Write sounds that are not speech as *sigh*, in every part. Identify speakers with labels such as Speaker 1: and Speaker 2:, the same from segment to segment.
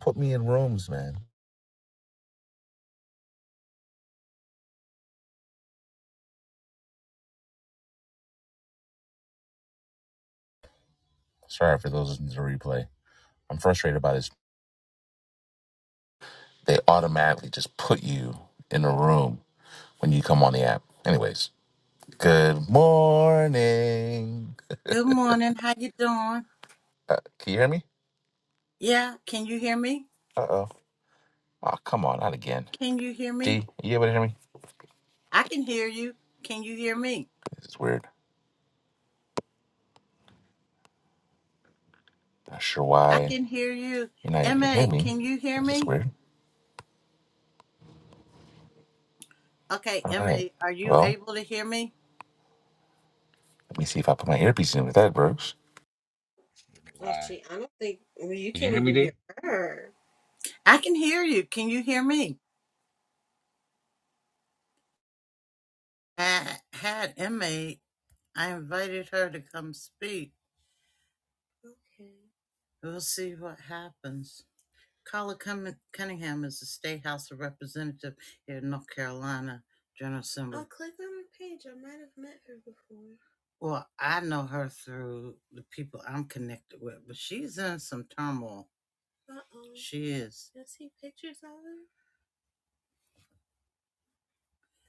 Speaker 1: Put me in rooms, man. Sorry for those listening to the replay. I'm frustrated by this. They automatically just put you in a room when you come on the app. Anyways, good morning.
Speaker 2: Good morning. How you doing?
Speaker 1: Uh, can you hear me?
Speaker 2: Yeah, can you hear me?
Speaker 1: Uh oh. Oh, come on, not again.
Speaker 2: Can you hear me?
Speaker 1: D, are you able to hear me?
Speaker 2: I can hear you. Can you hear me?
Speaker 1: This is weird. Not sure
Speaker 2: I
Speaker 1: why
Speaker 2: can hear you.
Speaker 1: you're not able to
Speaker 2: MA,
Speaker 1: hear me.
Speaker 2: can you hear
Speaker 1: This is
Speaker 2: me?
Speaker 1: weird.
Speaker 2: Okay,
Speaker 1: All right.
Speaker 2: MA, are you
Speaker 1: Well,
Speaker 2: able to hear me?
Speaker 1: let me see if I put my earpiece in if that works.
Speaker 2: Oh,
Speaker 1: Why?
Speaker 2: she, I don't think well, you
Speaker 1: Can you
Speaker 2: can't
Speaker 1: hear me,
Speaker 2: even hear
Speaker 1: D?
Speaker 2: her. I can hear you. Can you hear me? I had MA, I invited her to come speak. Okay. We'll see what happens. Carla Cunningham is a state House of Representative here in North Carolina General Assembly. I'll click on her page. I might have met her before. Well, I know her through the people I'm connected with, but she's in some turmoil. Uh-oh. She is. You see pictures of her?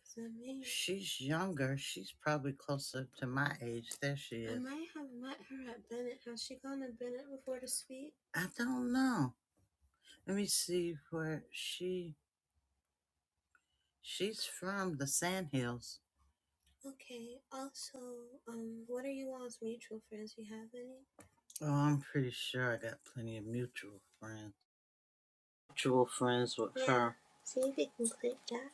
Speaker 2: Is that me? She's younger. She's probably closer to my age. There she is. I might have met her at Bennett. Has she gone to Bennett before to speak? I don't know. Let me see where she She's from the Sand Hills. Okay. Also, um, what are you all's mutual friends? You have any? Oh, I'm pretty sure I got plenty of mutual friends. Mutual friends with Yeah. her. See if you can click that.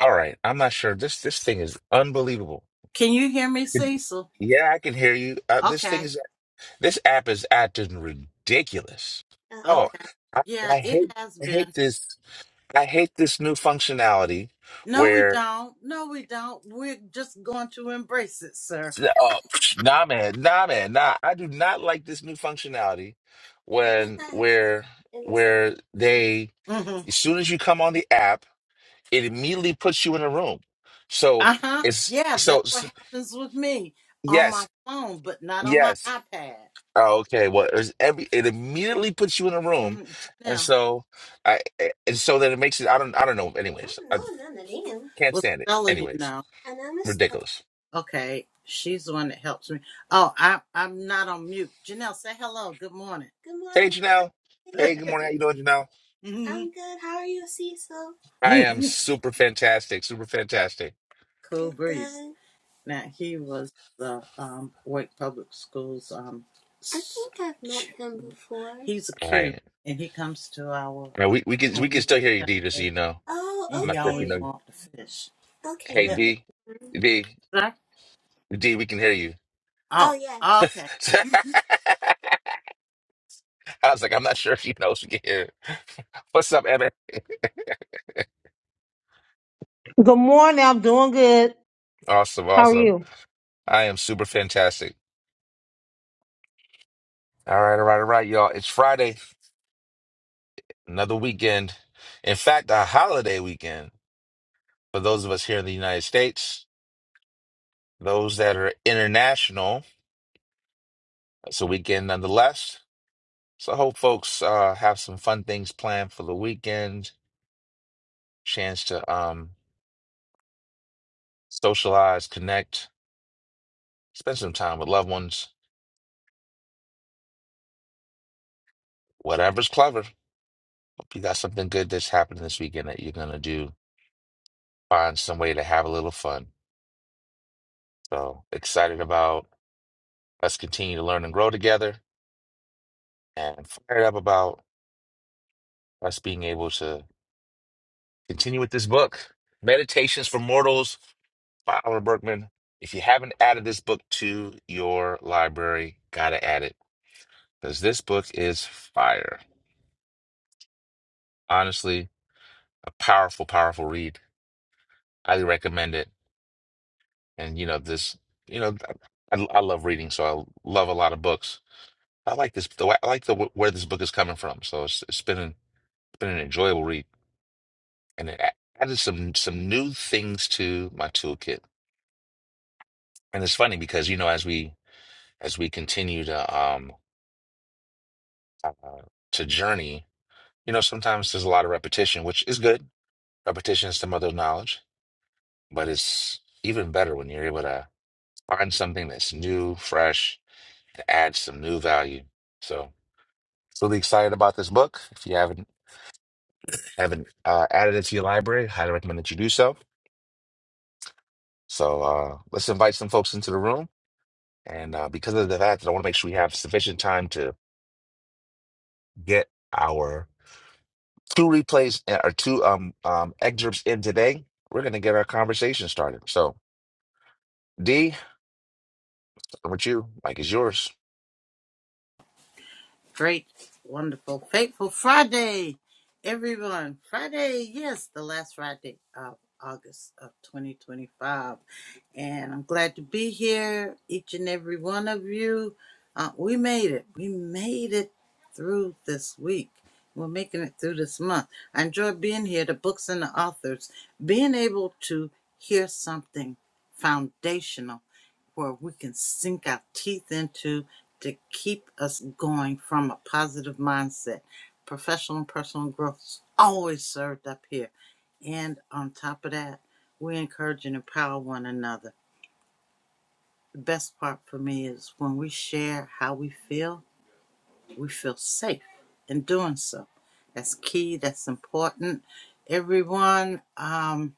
Speaker 1: All right. I'm not sure. This this thing is unbelievable.
Speaker 2: Can you hear me,
Speaker 1: Could you-
Speaker 2: Cecil?
Speaker 1: Yeah, I can hear you. Uh, this thing
Speaker 2: Okay.
Speaker 1: is this app is acting ridiculous.
Speaker 2: Uh oh.
Speaker 1: Oh,
Speaker 2: Okay.
Speaker 1: I,
Speaker 2: Yeah,
Speaker 1: I
Speaker 2: it
Speaker 1: hate
Speaker 2: has
Speaker 1: I hate
Speaker 2: been.
Speaker 1: this I hate this new functionality
Speaker 2: No, we
Speaker 1: where
Speaker 2: don't. No, we don't. We're just going to embrace it, sir.
Speaker 1: oh psh, nah man nah man nah I do not like this new functionality
Speaker 2: *laughs* In
Speaker 1: when where
Speaker 2: it
Speaker 1: where they
Speaker 2: must.
Speaker 1: as soon as you come on the app it immediately puts you in a room. So
Speaker 2: Uh huh.
Speaker 1: it's
Speaker 2: Yeah,
Speaker 1: so
Speaker 2: that's what
Speaker 1: s-
Speaker 2: happens with me on my
Speaker 1: yes
Speaker 2: phone, but not on my
Speaker 1: yes
Speaker 2: iPad.
Speaker 1: Oh, okay. Well, it was every it immediately puts you in a room,
Speaker 2: hmm
Speaker 1: and
Speaker 2: Janelle.
Speaker 1: so I eh, and so then it makes it. I don't. I don't know.
Speaker 2: I
Speaker 1: Anyways,
Speaker 2: don't
Speaker 1: I
Speaker 2: know none of them.
Speaker 1: can't
Speaker 2: Well,
Speaker 1: stand it.
Speaker 2: Stella, you
Speaker 1: Anyways,
Speaker 2: know. And I'm a Stella.
Speaker 1: ridiculous.
Speaker 2: Okay, she's the one that helps me. Oh, I, I'm not on mute. Janelle, say hello. Good morning. Good
Speaker 1: Hey,
Speaker 2: morning.
Speaker 1: Janelle. Hey, good
Speaker 2: Hi.
Speaker 1: morning. How you doing, Janelle?
Speaker 2: *laughs* I'm good. How are you,
Speaker 1: I
Speaker 2: Cecil?
Speaker 1: am
Speaker 2: *laughs*
Speaker 1: super fantastic. Super fantastic.
Speaker 2: Cool Breeze. Now he was the um, Wake Public Schools. Um, I think I've met him before. He's a
Speaker 1: All
Speaker 2: Q,
Speaker 1: right.
Speaker 2: and he comes to our
Speaker 1: Now
Speaker 2: um,
Speaker 1: we we can we
Speaker 2: when we
Speaker 1: can
Speaker 2: do
Speaker 1: still hear you, D. Just so
Speaker 2: tailgate.
Speaker 1: you know,
Speaker 2: Oh, and
Speaker 1: I'm
Speaker 2: okay. he okay.
Speaker 1: not sure if you
Speaker 2: always
Speaker 1: know.
Speaker 2: wants to fish. Okay.
Speaker 1: Hey,
Speaker 2: Yeah.
Speaker 1: D.
Speaker 2: I understand.
Speaker 1: D.
Speaker 2: Sir?
Speaker 1: D. We can hear you.
Speaker 2: Oh, oh yeah. Okay.
Speaker 1: *laughs* I was like, I'm not sure if you know. if We can hear. *laughs* What's up, Evan?
Speaker 3: Good morning. I'm doing good.
Speaker 1: Awesome.
Speaker 3: How are
Speaker 1: Awesome.
Speaker 3: you?
Speaker 1: I am super fantastic. All right, all right, all right, y'all. It's Friday, another weekend. In fact, a holiday weekend for those of us here in the United States. Those that are international, it's a weekend nonetheless. So I hope folks uh, have some fun things planned for the weekend, chance to um, socialize, connect, spend some time with loved ones, whatever's clever. Hope you got something good that's happening this weekend that you're going to do. Find some way to have a little fun. So excited about us continue to learn and grow together and I'm fired up about us being able to continue with this book, Meditations for Mortals by Oliver Berkman. If you haven't added this book to your library, gotta add it because this book is fire. Honestly, a powerful, powerful read. Highly recommend it. And you know this, you know, I, I love reading, so I love a lot of books. I like this. though I like the where this book is coming from. So it's, it's been an, been an enjoyable read, and it a- added some some new things to my toolkit. And it's funny because, you know, as we as we continue to um uh, to journey, you know, sometimes there's a lot of repetition, which is good. Repetition is the mother of knowledge, but it's even better when you're able to find something that's new, fresh, to add some new value. So really excited about this book. If you haven't haven't uh, added it to your library, highly recommend that you do so. So uh, let's invite some folks into the room. And uh, because of the fact that I want to make sure we have sufficient time to get our two replays uh, or two um um excerpts in today. We're gonna get our conversation started. So D, starting with you, Mike is yours.
Speaker 2: Great, wonderful, fateful Friday, everyone. Friday, yes, the last Friday of August of 2025. And I'm glad to be here, each and every one of you. Uh, we made it. We made it through this week. We're making it through this month. I enjoy being here, the books and the authors, being able to hear something foundational where we can sink our teeth into to keep us going from a positive mindset. Professional and personal growth is always served up here. And on top of that, we encourage and empower one another. The best part for me is when we share how we feel, we feel safe in doing so. That's key, that's important. Everyone, Um.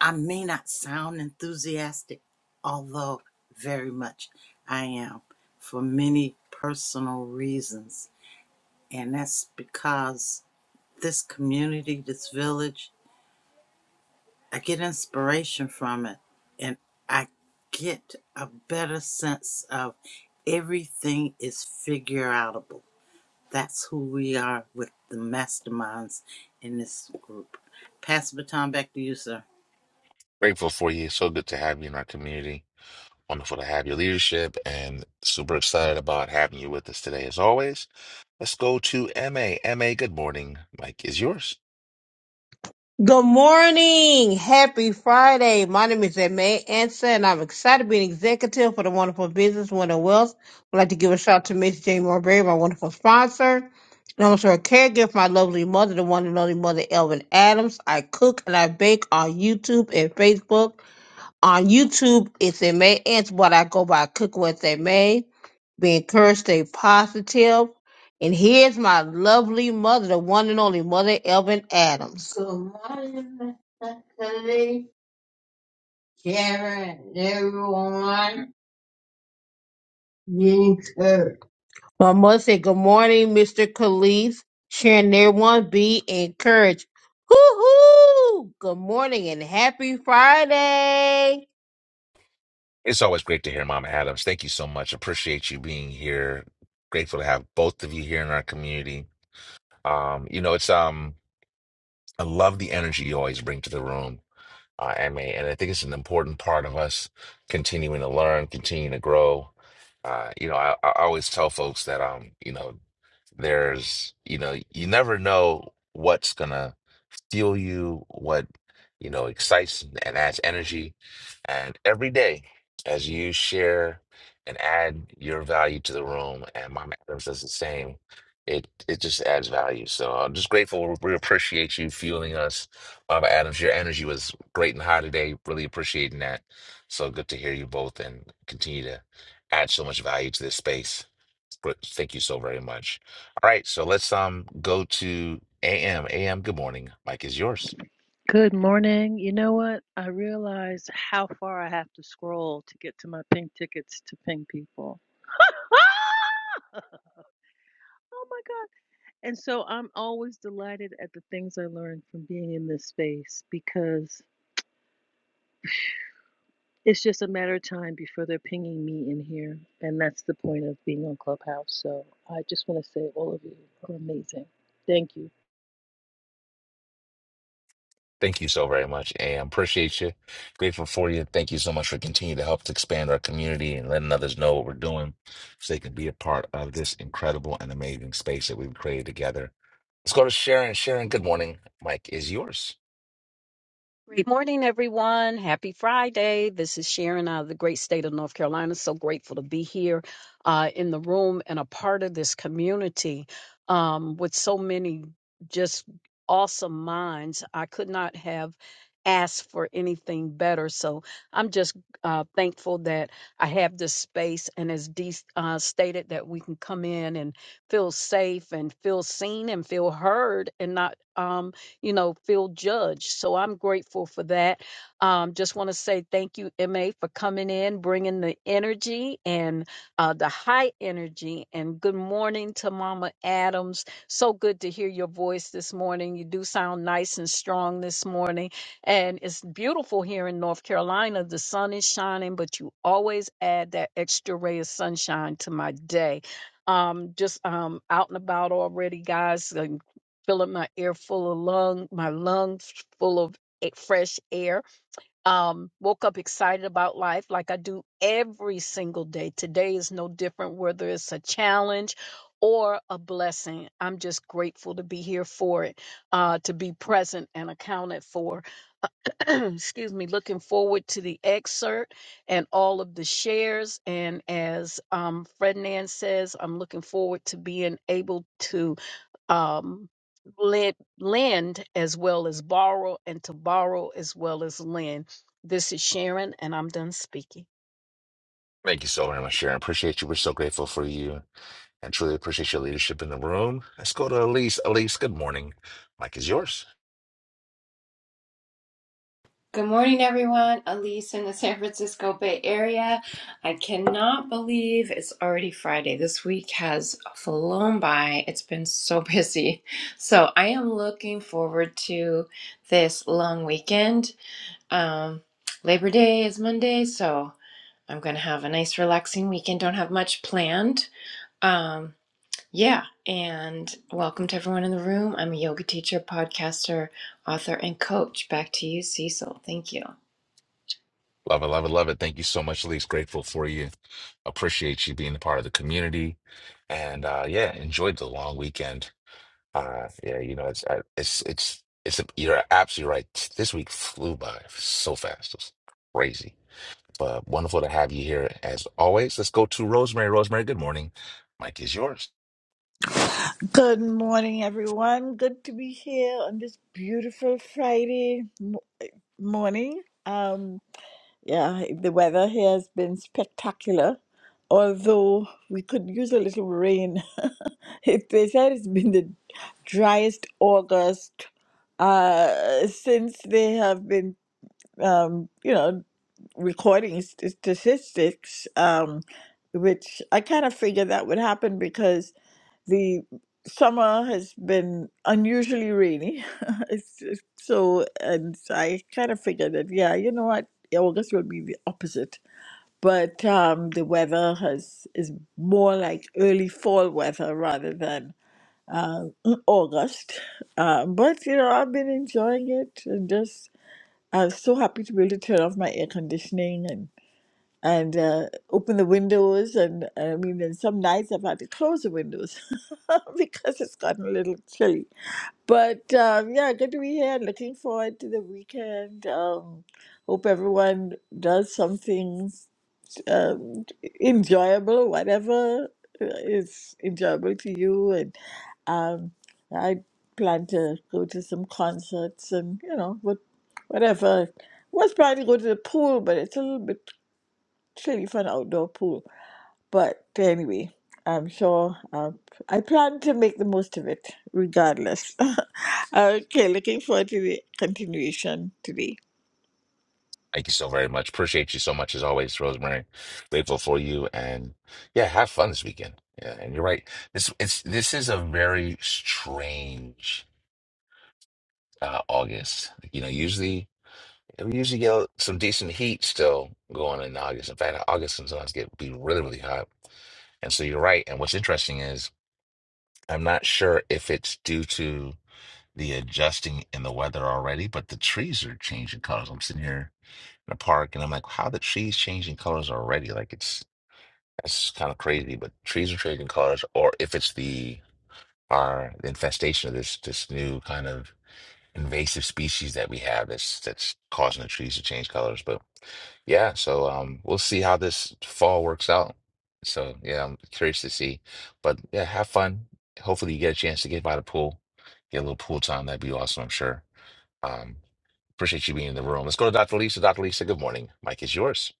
Speaker 2: I may not sound enthusiastic, although very much I am for many personal reasons. And that's because this community, this village, I get inspiration from it. And I get a better sense of everything is figure outable. That's who we are with the masterminds in this group. Pass the baton back to you, sir.
Speaker 1: Grateful for you. So good to have you in our community. Wonderful to have your leadership and super excited about having you with us today as always. Let's go to M A M A. good morning. Mike is yours.
Speaker 3: Good morning. Happy Friday. My name is May Ansa, and I'm excited to be an executive for the wonderful business Winter Wealth. I'd like to give a shout out to Miss Jane Marbury, my wonderful sponsor. And I'm also a caregiver for my lovely mother, the one and only mother, Elvin Adams. I cook and I bake on YouTube and Facebook. On YouTube, it's a May. It's what I go by. Cook what they May. Be encouraged. Stay positive. And here's my lovely mother, the one and only mother, Elvin Adams. Good morning, Mr. Cody, Karen, everyone. Be encouraged. My mother said, Good morning, Mr. Khalif. Sharon, and everyone, be encouraged. Hoo hoo! Good morning and happy Friday.
Speaker 1: It's always great to hear Mama Adams. Thank you so much. Appreciate you being here. Grateful to have both of you here in our community. Um, you know, it's um I love the energy you always bring to the room uh, MA. And I think it's an important part of us continuing to learn, continuing to grow. Uh, you know, I, I always tell folks that, um, you know, there's, you know, you never know what's gonna fuel you, what you know excites and adds energy. And every day, as you share and add your value to the room, and Mom Adams does the same, it it just adds value. So I'm just grateful. We appreciate you fueling us, Mama Adams. Your energy was great and high today. Really appreciating that. So good to hear you both, and continue to add so much value to this space. Great. Thank you so very much. All right, so let's um go to AM. AM, good morning. Mike is yours.
Speaker 4: Good morning. You know what? I realized how far I have to scroll to get to my pink tickets to ping people. *laughs* oh my God. And so I'm always delighted at the things I learned from being in this space because it's just a matter of time before they're pinging me in here. And that's the point of being on Clubhouse. So I just want to say, all of you are amazing. Thank you.
Speaker 1: Thank you so very much, AM. Appreciate you. Grateful for you. Thank you so much for continuing to help us expand our community and letting others know what we're doing so they can be a part of this incredible and amazing space that we've created together. Let's go to Sharon. Sharon, good morning. Mike is yours.
Speaker 5: Great morning, everyone. Happy Friday. This is Sharon out of the great state of North Carolina. So grateful to be here uh, in the room and a part of this community um, with so many just awesome minds. I could not have asked for anything better. So I'm just uh, thankful that I have this space and as Dee uh, stated that we can come in and feel safe and feel seen and feel heard and not. Um, you know, feel judged. So I'm grateful for that. Um, just want to say thank you, MA, for coming in, bringing the energy and uh, the high energy. And good morning to Mama Adams. So good to hear your voice this morning. You do sound nice and strong this morning. And it's beautiful here in North Carolina. The sun is shining, but you always add that extra ray of sunshine to my day. Um, just um, out and about already, guys filling my air full of lung, my lungs full of a- fresh air. Um, woke up excited about life like I do every single day. Today is no different, whether it's a challenge or a blessing. I'm just grateful to be here for it, uh, to be present and accounted for. *clears throat* Excuse me. Looking forward to the excerpt and all of the shares. And as um, Fred Nan says, I'm looking forward to being able to um, lend, lend as well as borrow, and to borrow as well as lend. This is Sharon, and I'm done speaking.
Speaker 1: Thank you so very much, Sharon. Appreciate you. We're so grateful for you and truly appreciate your leadership in the room. Let's go to Elise. Elise, good morning. Mike is yours.
Speaker 6: Good morning, everyone. Elise in the *laughs* San Francisco Bay Area. I cannot believe it's already Friday. This week has flown by. It's been so *laughs* busy. So I am looking forward to this long weekend. Um, Labor Day is Monday, so I'm going to have a nice, relaxing weekend. Don't have much planned. Um, yeah, and welcome to everyone in the room. I'm a yoga teacher, podcaster, author, and coach. Back to you, Cecil. Thank you.
Speaker 1: Love it, love it, love it. Thank you so much, Elise. Grateful for you. Appreciate you being a part of the community. And uh yeah, enjoyed the long weekend. Uh yeah, you know, it's I- it's it's it's you're absolutely right. This week flew by so fast. It was crazy. But wonderful to have you here as always. Let's go to Rosemary. Rosemary, good morning. Mike is yours.
Speaker 7: Good morning, everyone. Good to be here on this beautiful Friday m- morning. Um, yeah, the weather here has been spectacular, although we could use a little rain. *laughs* If they said it's been the driest August uh, since they have been, um, you know, recording st- statistics, um, which I kind of figured that would happen the summer has been unusually rainy. *laughs* it's, it's- so, and I kind of figured that, yeah, you know what, August will be the opposite. But um, the weather has is more like early fall weather rather than uh, *clears throat* August. Uh, but you know, I've been enjoying it and just I was so happy to be able to turn off my air conditioning and uh, open the windows. And I mean, and some nights I've had to close the windows *laughs* because it's gotten a little chilly. But um, yeah, good to be here. Looking forward to the weekend. Um, hope everyone does something um, enjoyable, whatever uh, is enjoyable to you. And um, I plan to go to some concerts and you know what, whatever. Was planning to go to the pool, but it's a little bit actually for an outdoor pool. But anyway, I'm sure um, I plan to make the most of it regardless. *laughs* okay, looking forward to the continuation today.
Speaker 1: Thank you so very much. Appreciate you so much as always, Rosemary. Grateful for you, and yeah, have fun this weekend. Yeah, and you're right. This it's this is a very strange uh, August. Like, You know, usually we usually get some decent heat still going in August. In fact, August sometimes get be really really hot. And so you're right. And what's interesting is I'm not sure if it's due to the adjusting in the weather already, but the trees are changing colors. I'm sitting here in a park, and I'm like, how the trees changing colors already? Like it's that's kind of crazy. But trees are changing colors, or if it's the our the infestation of this this new kind of invasive species that we have that's that's causing the trees to change colors. But yeah, so um, we'll see how this fall works out. So yeah, I'm curious to see. But yeah, have fun. Hopefully, you get a chance to get by the pool, get a little pool time. That'd be awesome, I'm sure. Um, appreciate you being in the room. Let's go to Dr. Lisa. Dr. Lisa, good morning. Mike is yours.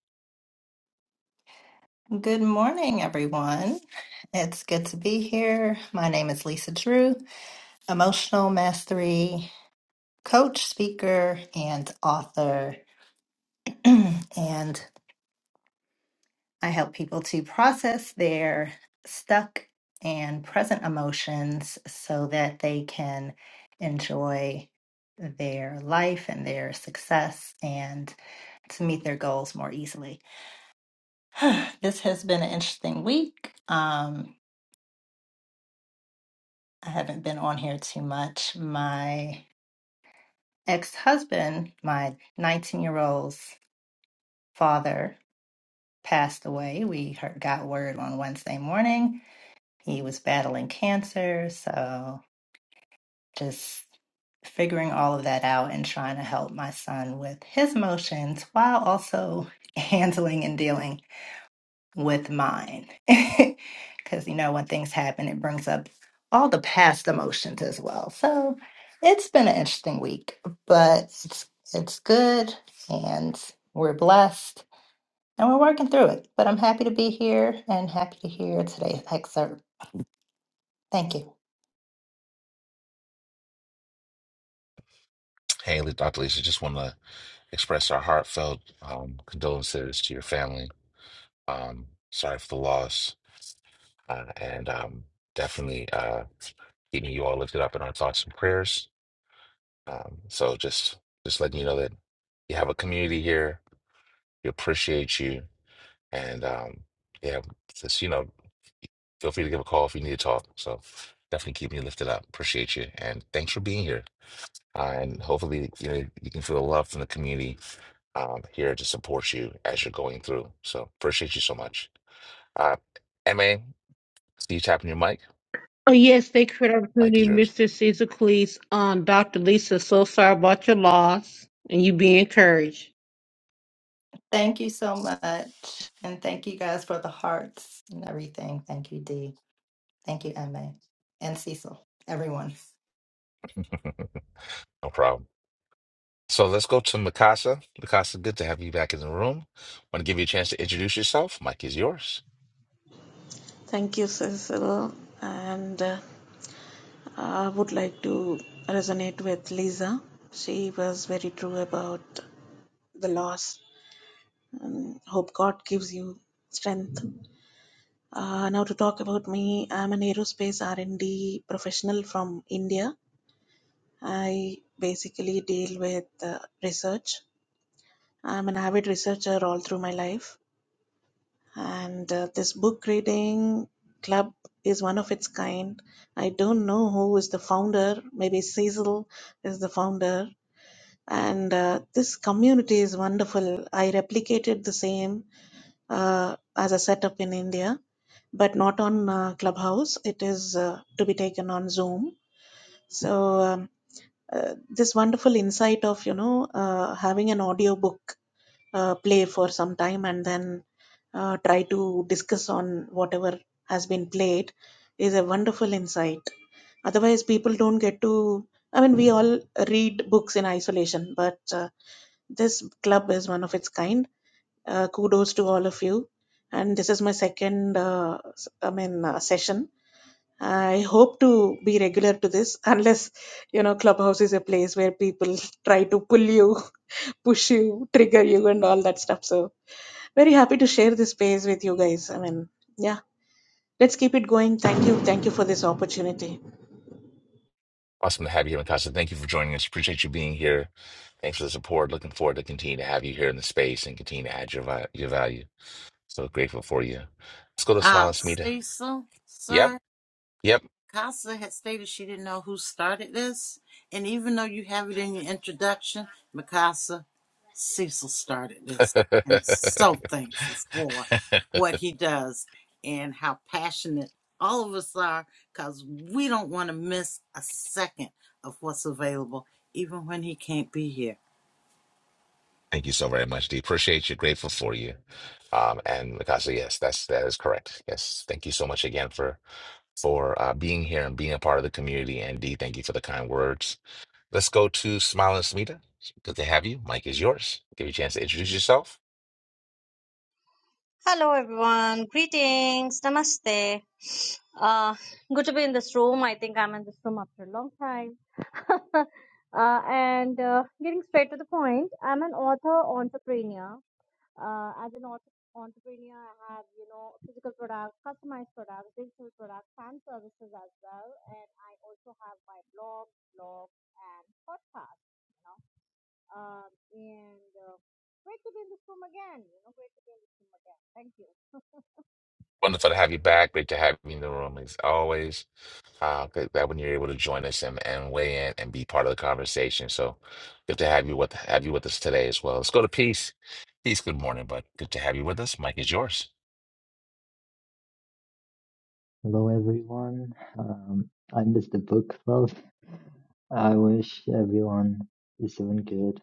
Speaker 8: Good morning, everyone. It's good to be here. My name is Lisa Drew, emotional mastery coach, speaker, and author. *clears throat* and I help people to process their stuck and present emotions so that they can enjoy their life and their success and to meet their goals more easily. *sighs* this has been an interesting week. Um, I haven't been on here too much. My ex husband, my 19 year old's father, passed away. We heard, got word on Wednesday morning. He was battling cancer. So just figuring all of that out and trying to help my son with his emotions while also *laughs* handling and dealing with mine. *laughs* Because, you know, when things happen, it brings up all the past emotions as well. So it's been an interesting week, but it's, it's good and we're blessed and we're working through it. But I'm happy to be here and happy to hear today's excerpt. Thank you.
Speaker 1: Hey, Le- Dr. Lisa, just want to express our heartfelt um, condolences to your family. Um, sorry for the loss, uh, and um, definitely uh, keeping you all lifted up in our thoughts and prayers. Um, so just just letting you know that you have a community here. We appreciate you, and um, yeah, just you know, feel free to give a call if you need to talk. So definitely keep me lifted up. Appreciate you, and thanks for being here. Uh, and hopefully, you know, you can feel the love from the community um, here to support you as you're going through. So appreciate you so much. Uh, MA, see you tapping your mic.
Speaker 3: Oh, yes, thank you for the
Speaker 1: Mic is
Speaker 3: opportunity,
Speaker 1: yours.
Speaker 3: Mr. Caesar Cleese. Um, Dr. Lisa, so sorry about your loss, and you be encouraged.
Speaker 8: Thank you so much. And thank you guys for the hearts and everything. Thank you, Dee. Thank you, Emma and Cecil, everyone.
Speaker 1: *laughs* no problem. So let's go to Mikasa. Mikasa, good to have you back in the room. Want to give you a chance to introduce yourself. Mic is yours.
Speaker 9: Thank you, Cecil. And uh, I would like to resonate with Lisa. She was very true about the loss. Hope God gives you strength. Uh, now to talk about me, I'm an aerospace R&D professional from India. I basically deal with uh, research. I'm an avid researcher all through my life. and uh, this book reading club is one of its kind. I don't know who is the founder, maybe Cecil is the founder. And uh, this community is wonderful. I replicated the same uh, as a setup in India, but not on uh, Clubhouse. It is uh, to be taken on Zoom. So um, uh, this wonderful insight of you know uh, having an audio book uh, play for some time and then uh, try to discuss on whatever has been played is a wonderful insight. Otherwise, people don't get to. I mean, we all read books in isolation, but uh, this club is one of its kind. Uh, kudos to all of you. And this is my second, uh, s- I mean, uh, session. I hope to be regular to this, *laughs* unless you know, Clubhouse is a place where people *laughs* try to pull you, *laughs* push you, trigger you, and all that stuff. So very happy to share this space with you guys. I mean, yeah, let's keep it going. Thank you. Thank you for this opportunity.
Speaker 1: Awesome to have you here, Mikasa. Thank you for joining us. Appreciate you being here. Thanks for the support. Looking forward to continue to have you here in the space and continue to add your, vi- your value. So grateful for you. Let's go to Smile
Speaker 2: Ah,
Speaker 1: and Smita.
Speaker 2: Cecil, sir.
Speaker 1: Yep.
Speaker 2: Casa had stated she didn't know who started this, and even though you have it in your introduction, Mikasa, Cecil started this, and
Speaker 1: Yep.
Speaker 2: so thankful for
Speaker 1: *laughs*
Speaker 2: what he does and how passionate all of us are, because we don't want to miss a second of what's available, even when he can't be here.
Speaker 1: Thank you so very much, Dee. Appreciate you. Grateful for you. Um, and Mikasa, yes, that's that is correct. Yes, thank you so much again for for uh, being here and being a part of the community. And Dee, thank you for the kind words. Let's go to Smile and Smita. Good to have you. Mike is yours. Give you a chance to introduce yourself.
Speaker 10: Hello, everyone. Greetings. Namaste. Uh, good to be in this room. I think I'm in this room after a long time. *laughs* uh, and uh, getting straight to the point, I'm an author entrepreneur. Uh, as an author entrepreneur, I have you know physical products, customized products, digital products, and services as well. And I also have my blog, blog, and podcast. You know, um, and uh, great to be in this room again. You know, great to be in this room again. Thank you.
Speaker 1: Wonderful to have you back. Great to have you in the room as always. Uh, good that when you're able to join us and, and weigh in and be part of the conversation. So good to have you with have you with us today as well. Let's go to Peace. Peace. Good morning, bud. Good to have you with us. Mike is yours.
Speaker 11: Hello, everyone. Um, I missed the book club. I wish everyone is doing good.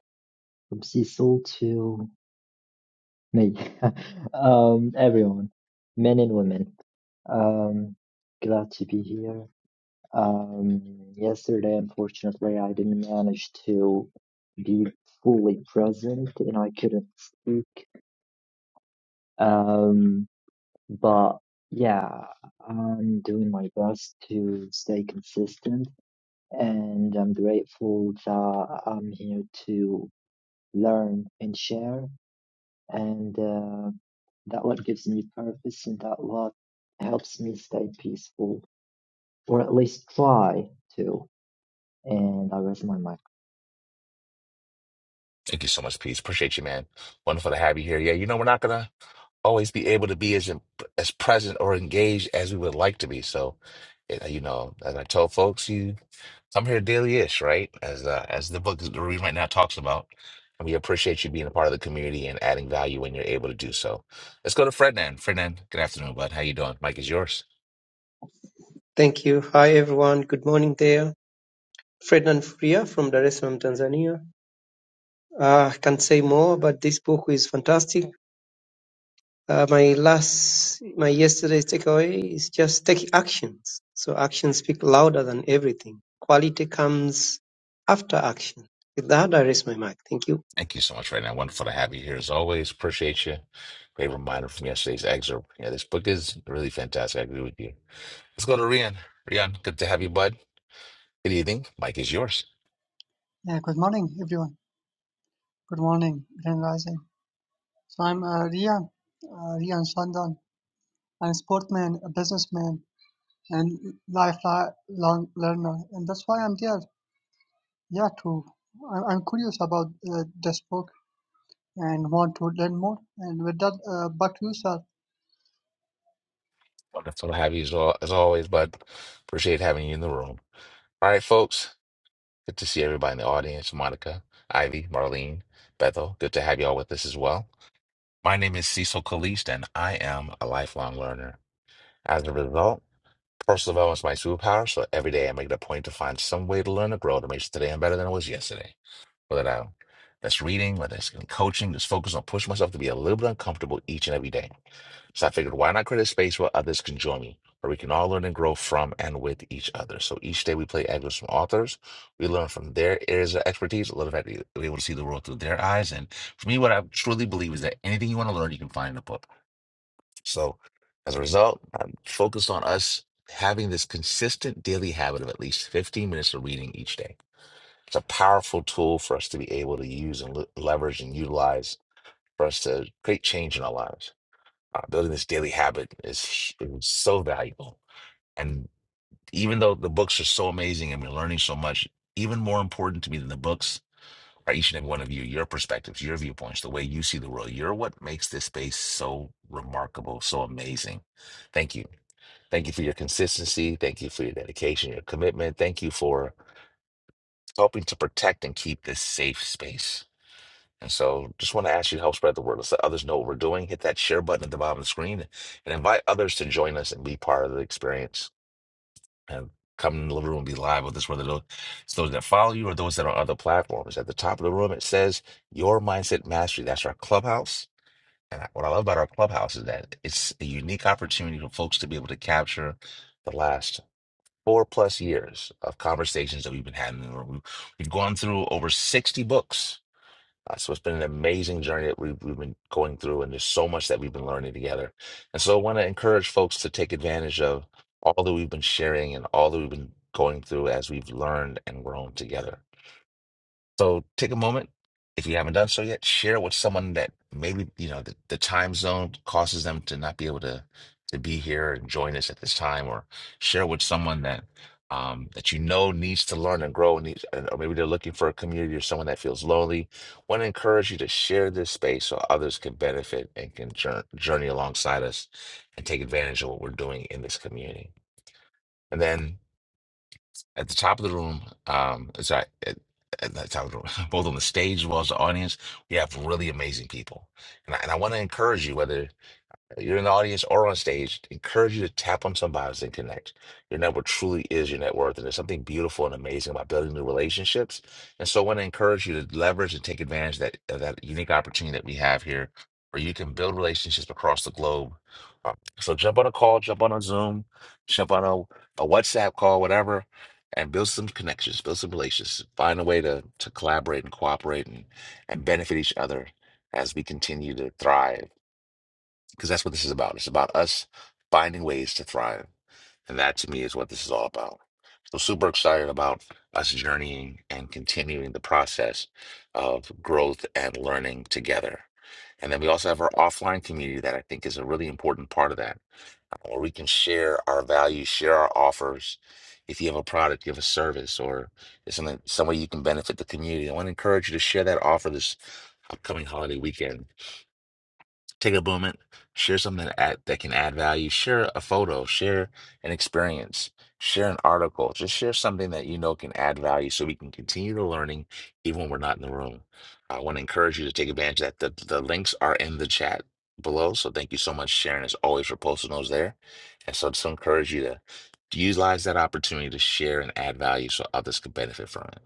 Speaker 11: From Cecil to me, *laughs* um, everyone, men and women. Um, glad to be here. Um, yesterday, unfortunately, I didn't manage to be fully present and I couldn't speak. Um, but yeah, I'm doing my best to stay consistent and I'm grateful that I'm here to learn and share, and uh, that what gives me purpose, and that what helps me stay peaceful, or at least try to. And I rest my mic.
Speaker 1: Thank you so much, Peace. Appreciate you, man. Wonderful to have you here. Yeah, you know, we're not gonna always be able to be as in- as present or engaged as we would like to be. So, eh, you know, as I told folks, you I'm here daily-ish, right? As uh, as the book is the reading right now talks about. And we appreciate you being a part of the community and adding value when you're able to do so. Let's go to Frednan. Frednan, good afternoon, bud. How you doing? Mike is yours.
Speaker 12: Thank you. Hi, everyone. Good morning there. Fred Nanfuria from Dar es Salaam, Tanzania. Uh, I can't say more, but this book is fantastic. Uh, my last, my yesterday's takeaway is just take actions. So actions speak louder than everything. Quality comes after action. With that, I raise my mic. Thank you.
Speaker 1: Thank you so much, Frednan. Wonderful to have you here as always. Appreciate you. Great reminder from yesterday's excerpt. Yeah, this book is really fantastic. I agree with you Let's go to Rian. Rian, good to have you, bud. Good evening. Mike is yours.
Speaker 13: Yeah, good morning, everyone. Good morning, Grand Rising. So I'm uh, Rian, uh, Rian Shandan. I'm a sportman, a businessman, and lifelong learner, and that's why I'm there. Yeah, to I- I'm curious about uh, this book and want to learn more. And with that, uh, back to you, sir.
Speaker 1: Wonderful to have you as, al- as always, bud. Appreciate having you in the room. All right, folks. Good to see everybody in the audience. Monica, Ivy, Marlene, Bethel. Good to have you all with us as well. My name is Cecil Caliste, and I am a lifelong learner. As a result, personal development is my superpower, so every day I make it a point to find some way to learn and grow to make sure today I'm better than I was yesterday. whether I, that's reading, whether it's in coaching, just focus on pushing myself to be a little bit uncomfortable each and every day. So I figured, why not create a space where others can join me, where we can all learn and grow from and with each other. So each day we play excerpts from authors. We learn from their areas of expertise, a little bit, we're able to see the world through their eyes. And for me, what I truly believe is that anything you want to learn, you can find in a book. So as a result, I'm focused on us having this consistent daily habit of at least 15 minutes of reading each day. It's a powerful tool for us to be able to use and le- leverage and utilize for us to create change in our lives. Uh, building this daily habit is, hu- is so valuable. And even though the books are so amazing and we're learning so much, even more important to me than the books are each and every one of you, your perspectives, your viewpoints, the way you see the world. You're what makes this space so remarkable, so amazing. Thank you. Thank you for your consistency. Thank you for your dedication, your commitment. Thank you for helping to protect and keep this safe space. And so just want to ask you to help spread the word. Let's let others know what we're doing. Hit that share button at the bottom of the screen and invite others to join us and be part of the experience. And come in the living room and be live with us, whether tho- it's those that follow you or those that are on other platforms. At the top of the room, it says Your Mindset Mastery. That's our clubhouse. And I- what I love about our clubhouse is that it's a unique opportunity for folks to be able to capture the last four plus years of conversations that we've been having in the room. We've we've gone through over 60 books uh, so it's been an amazing journey that we've, we've been going through, and there's so much that we've been learning together. And so I want to encourage folks to take advantage of all that we've been sharing and all that we've been going through as we've learned and grown together. So take a moment, if you haven't done so yet, share with someone that maybe, you know, the, the time zone causes them to not be able to to be here and join us at this time, or share with someone that um, that you know needs to learn and grow, and needs, and- or maybe they're looking for a community or someone that feels lonely. Want to encourage you to share this space so others can benefit and can jour- journey alongside us and take advantage of what we're doing in this community. And then at the top of the room, um, sorry, at, at the top of the room, *laughs* both on the stage as well as the audience, we have really amazing people. And I, and I want to encourage you, whether you're in the audience or on stage. Encourage you to tap on somebody and connect. Your network truly is your net worth, and there's something beautiful and amazing about building new relationships. And so, I want to encourage you to leverage and take advantage of that of that unique opportunity that we have here, where you can build relationships across the globe. Uh, So, jump on a call, jump on a Zoom, jump on a, a WhatsApp call, whatever, and build some connections, build some relations. Find a way to to collaborate and cooperate and and benefit each other as we continue to thrive because that's what this is about. It's about us finding ways to thrive. And that to me is what this is all about. So super excited about us journeying and continuing the process of growth and learning together. And then we also have our offline community that I think is a really important part of that, where we can share our values, share our offers. If you have a product, you have a service, or it's something some way you can benefit the community, I want to encourage you to share that offer this upcoming holiday weekend take a moment, share something that, add, that can add value, share a photo, share an experience, share an article, just share something that you know can add value so we can continue the learning even when we're not in the room. I want to encourage you to take advantage of that. The, the links are in the chat below. So thank you so much, Sharon, as always, for posting those there. And so just encourage you to utilize that opportunity to share and add value so others can benefit from it.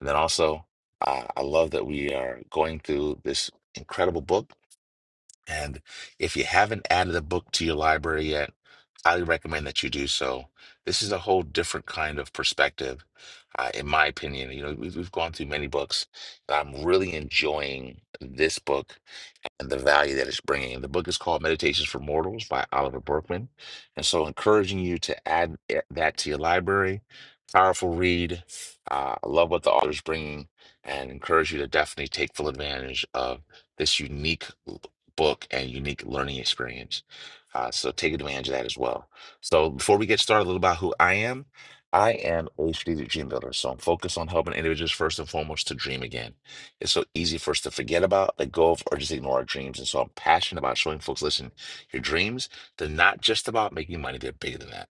Speaker 1: And then also, uh, I love that we are going through this incredible book. And if you haven't added a book to your library yet, highly recommend that you do so. This is a whole different kind of perspective, uh, in my opinion. You know, we've, we've gone through many books, and I'm really enjoying this book and the value that it's bringing. The book is called Meditations for Mortals by Oliver Berkman. And so, encouraging you to add eh, that to your library. Powerful read. Uh, I love what the author's bringing and encourage you to definitely take full advantage of this unique l- book and unique learning experience. Uh, so, take advantage of that as well. So, before we get started, a little about who I am. I am a strategic dream builder, so I'm focused on helping individuals first and foremost to dream again it's so easy for us to forget about, let go of, or just ignore our dreams. And so I'm passionate about showing folks, listen, your dreams, they're not just about making money, they're bigger than that.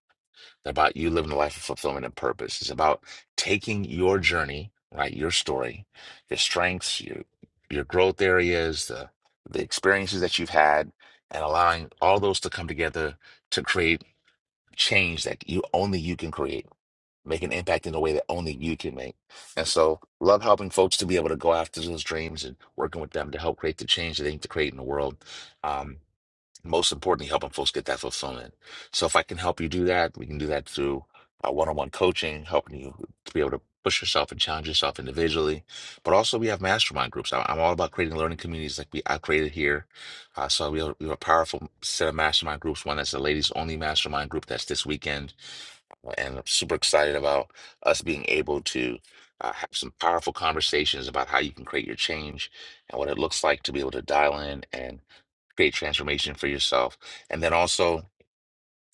Speaker 1: They're about you living a life of fulfillment and purpose. It's about taking your journey, right? Your story, your strengths, your your growth areas, the the experiences that you've had, and allowing all those to come together to create change that you only you can create make an impact in a way that only you can make. And so, love helping folks to be able to go after those dreams and working with them to help create the change that they need to create in the world. Um, most importantly, helping folks get that fulfillment. So if I can help you do that, we can do that through uh, one-on-one coaching, helping you to be able to push yourself and challenge yourself individually. But also, we have mastermind groups. I- I'm all about creating learning communities like we I created here. Uh, so we have, we have a powerful set of mastermind groups. One that's a ladies-only mastermind group that's this weekend and I'm super excited about us being able to uh, have some powerful conversations about how you can create your change and what it looks like to be able to dial in and create transformation for yourself. And then also,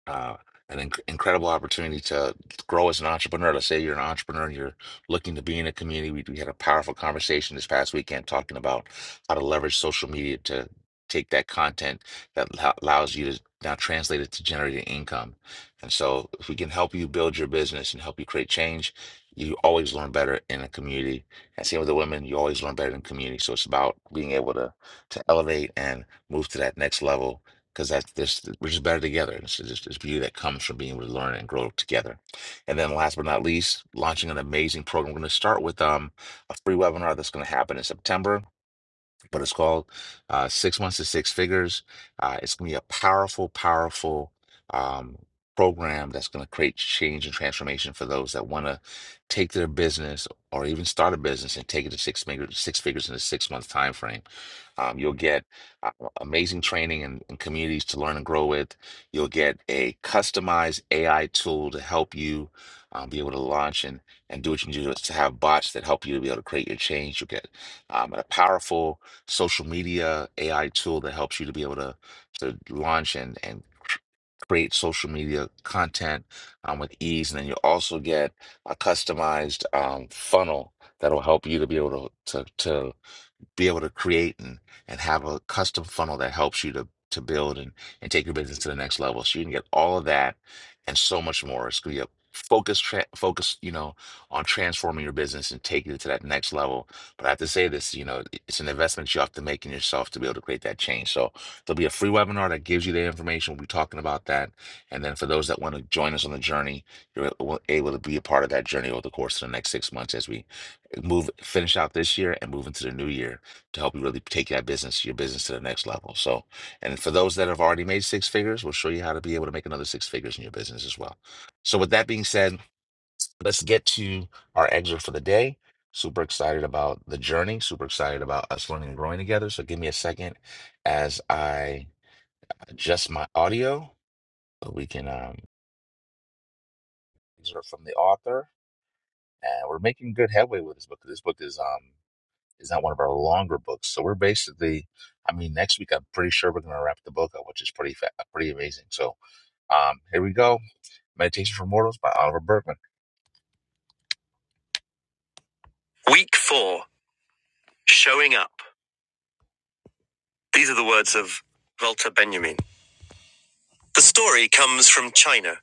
Speaker 1: uh, an inc- incredible opportunity to grow as an entrepreneur. Let's say you're an entrepreneur and you're looking to be in a community. We, we had a powerful conversation this past weekend talking about how to leverage social media to take that content that lo- allows you to now translate it to generating income. And so, if we can help you build your business and help you create change, you always learn better in a community. And same with the women, you always learn better in community. So it's about being able to to elevate and move to that next level because that's this we're just better together. It's just this beauty that comes from being able to learn and grow together. And then last but not least, launching an amazing program. We're going to start with um a free webinar that's going to happen in September but it's called uh, Six Months to Six Figures. Uh, it's going to be a powerful, powerful um, program that's going to create change and transformation for those that want to take their business or even start a business and take it to six figures, six figures in a six month time frame. Um, you'll get uh, amazing training and, and communities to learn and grow with. You'll get a customized AI tool to help you um, be able to launch and, and do what you need to do to have bots that help you to be able to create your change. You'll get um, a powerful social media AI tool that helps you to be able to to launch and and create social media content um, with ease. And then you also get a customized um, funnel that'll help you to be able to to, to be able to create and, and have a custom funnel that helps you to to build and, and take your business to the next level. So you can get all of that and so much more. It's gonna be a focus tra- focus, you know, on transforming your business and taking it to that next level. But I have to say this, you know, it's an investment you have to make in yourself to be able to create that change. So there'll be a free webinar that gives you the information. We'll be talking about that. And then for those that want to join us on the journey, you're a- able to be a part of that journey over the course of the next six months as we move finish out this year and move into the new year to help you really take that business, your business to the next level. So, and for those that have already made six figures, we'll show you how to be able to make another six figures in your business as well. So, with that being said, let's get to our excerpt for the day. Super excited about the journey, super excited about us learning and growing together. So, give me a second as I adjust my audio so we can um, excerpt from the author. And we're making good headway with this book. This book is um is not one of our longer books. So we're basically, I mean, next week I'm pretty sure we're going to wrap the book up, which is pretty fa- pretty amazing. So um, here we go, Meditation for Mortals by Oliver Berkman. Week four, showing up. These are the words of Walter Benjamin. The story comes from China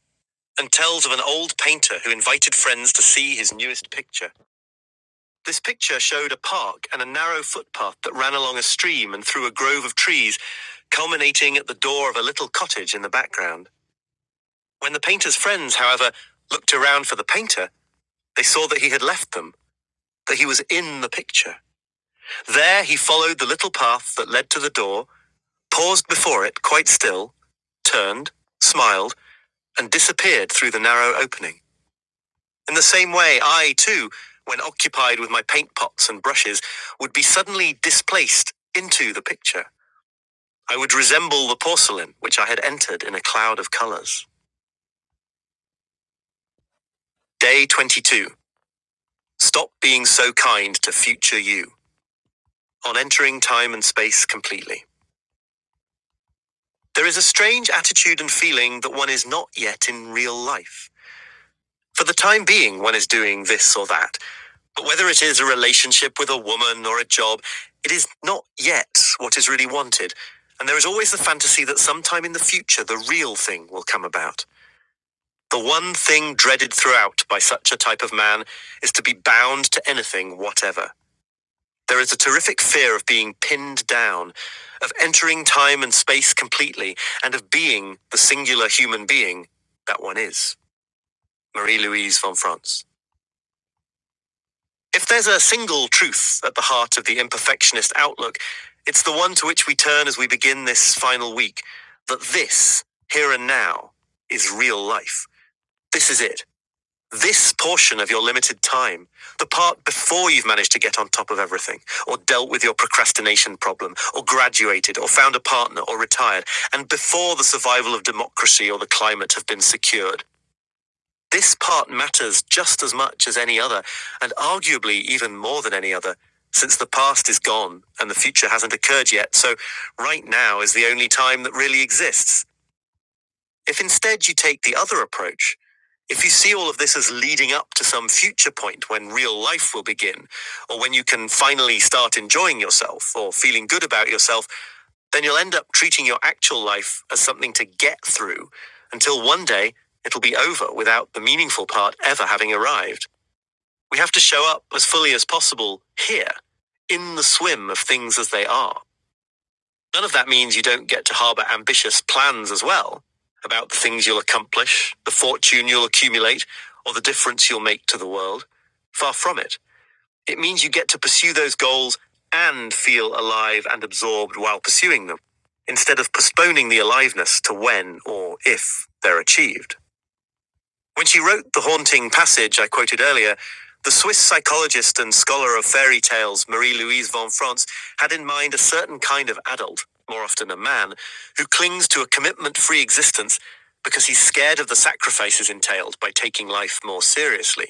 Speaker 1: and tells of an old painter who invited friends to see his newest picture. This picture showed a park and a narrow footpath that ran along a stream and through a grove of trees, culminating at the door of a little cottage in the background. When the painter's friends, however, looked around for the painter, they saw that he had left them, that he was in the picture. There he followed the little path that led to the door, paused before it quite still, turned, smiled, and disappeared through the narrow opening. In the same way, I, too, when occupied with my paint pots and brushes, would be suddenly displaced into the picture. I would resemble the porcelain which I had entered in a cloud of colours. Day 22. Stop being so kind to future you. on entering time and space completely. There is a strange attitude and feeling that one is not yet in real life. For the time being, one is doing this or that. But whether it is a relationship with a woman or a job, it is not yet what is really wanted. And there is always the fantasy that sometime in the future, the real thing will come about. The one thing dreaded throughout by such a type of man is to be bound to anything, whatever. There is a terrific fear of being pinned down, of entering time and space completely, and of being the singular human being that one is. Marie Louise von France. If there's a single truth at the heart of the imperfectionist outlook, it's the one to which we turn as we begin this final week that this, here and now, is real life. This is it. This portion of your limited time, the part before you've managed to get on top of everything, or dealt with your procrastination problem, or graduated, or found a partner, or retired, and before the survival of democracy or the climate have been secured. This part matters just as much as any other, and arguably even more than any other, since the past is gone and the future hasn't occurred yet, so right now is the only time that really exists. If instead you take the other approach, if you see all of this as leading up to some future point when real life will begin, or when you can finally start enjoying yourself or feeling good about yourself, then you'll end up treating your actual life as something to get through until one day it'll be over without the meaningful part ever having arrived. We have to show up as fully as possible here, in the swim of things as they are. None of that means you don't get to harbour ambitious plans as well about the things you'll accomplish, the fortune you'll accumulate, or the difference you'll make to the world. Far from it. It means you get to pursue those goals and feel alive and absorbed while pursuing them, instead of postponing the aliveness to when or if they're achieved. When she wrote the haunting passage I quoted earlier, the Swiss psychologist and scholar of fairy tales Marie Louise von France had in mind a certain kind of adult, more often a man, who clings to a commitment free existence because he's scared of the sacrifices entailed by taking life more seriously.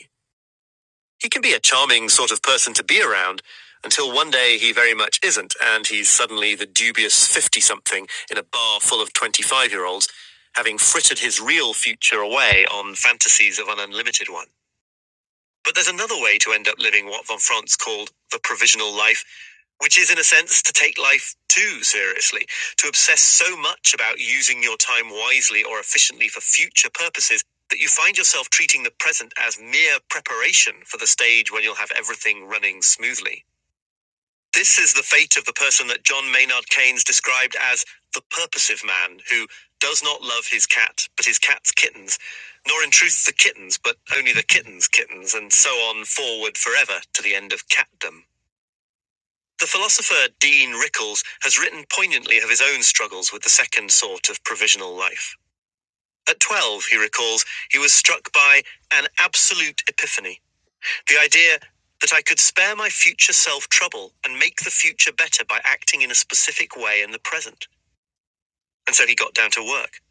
Speaker 1: He can be a charming sort of person to be around until one day he very much isn't, and he's suddenly the dubious 50 something in a bar full of 25 year olds, having frittered his real future away on fantasies of an unlimited one. But there's another way to end up living what von Franz called the provisional life which is in a sense to take life too seriously, to obsess so much about using your time wisely or efficiently for future purposes that you find yourself treating the present as mere preparation for the stage when you'll have everything running smoothly. This is the fate of the person that John Maynard Keynes described as the purposive man who does not love his cat, but his cat's kittens, nor in truth the kittens, but only the kitten's kittens, and so on forward forever to the end of catdom. The philosopher Dean Rickles has written poignantly of his own struggles with the second sort of provisional life. At 12, he recalls, he was struck by an absolute epiphany the idea that I could spare my future self trouble and make the future better by acting in a specific way in the present. And so he got down to work.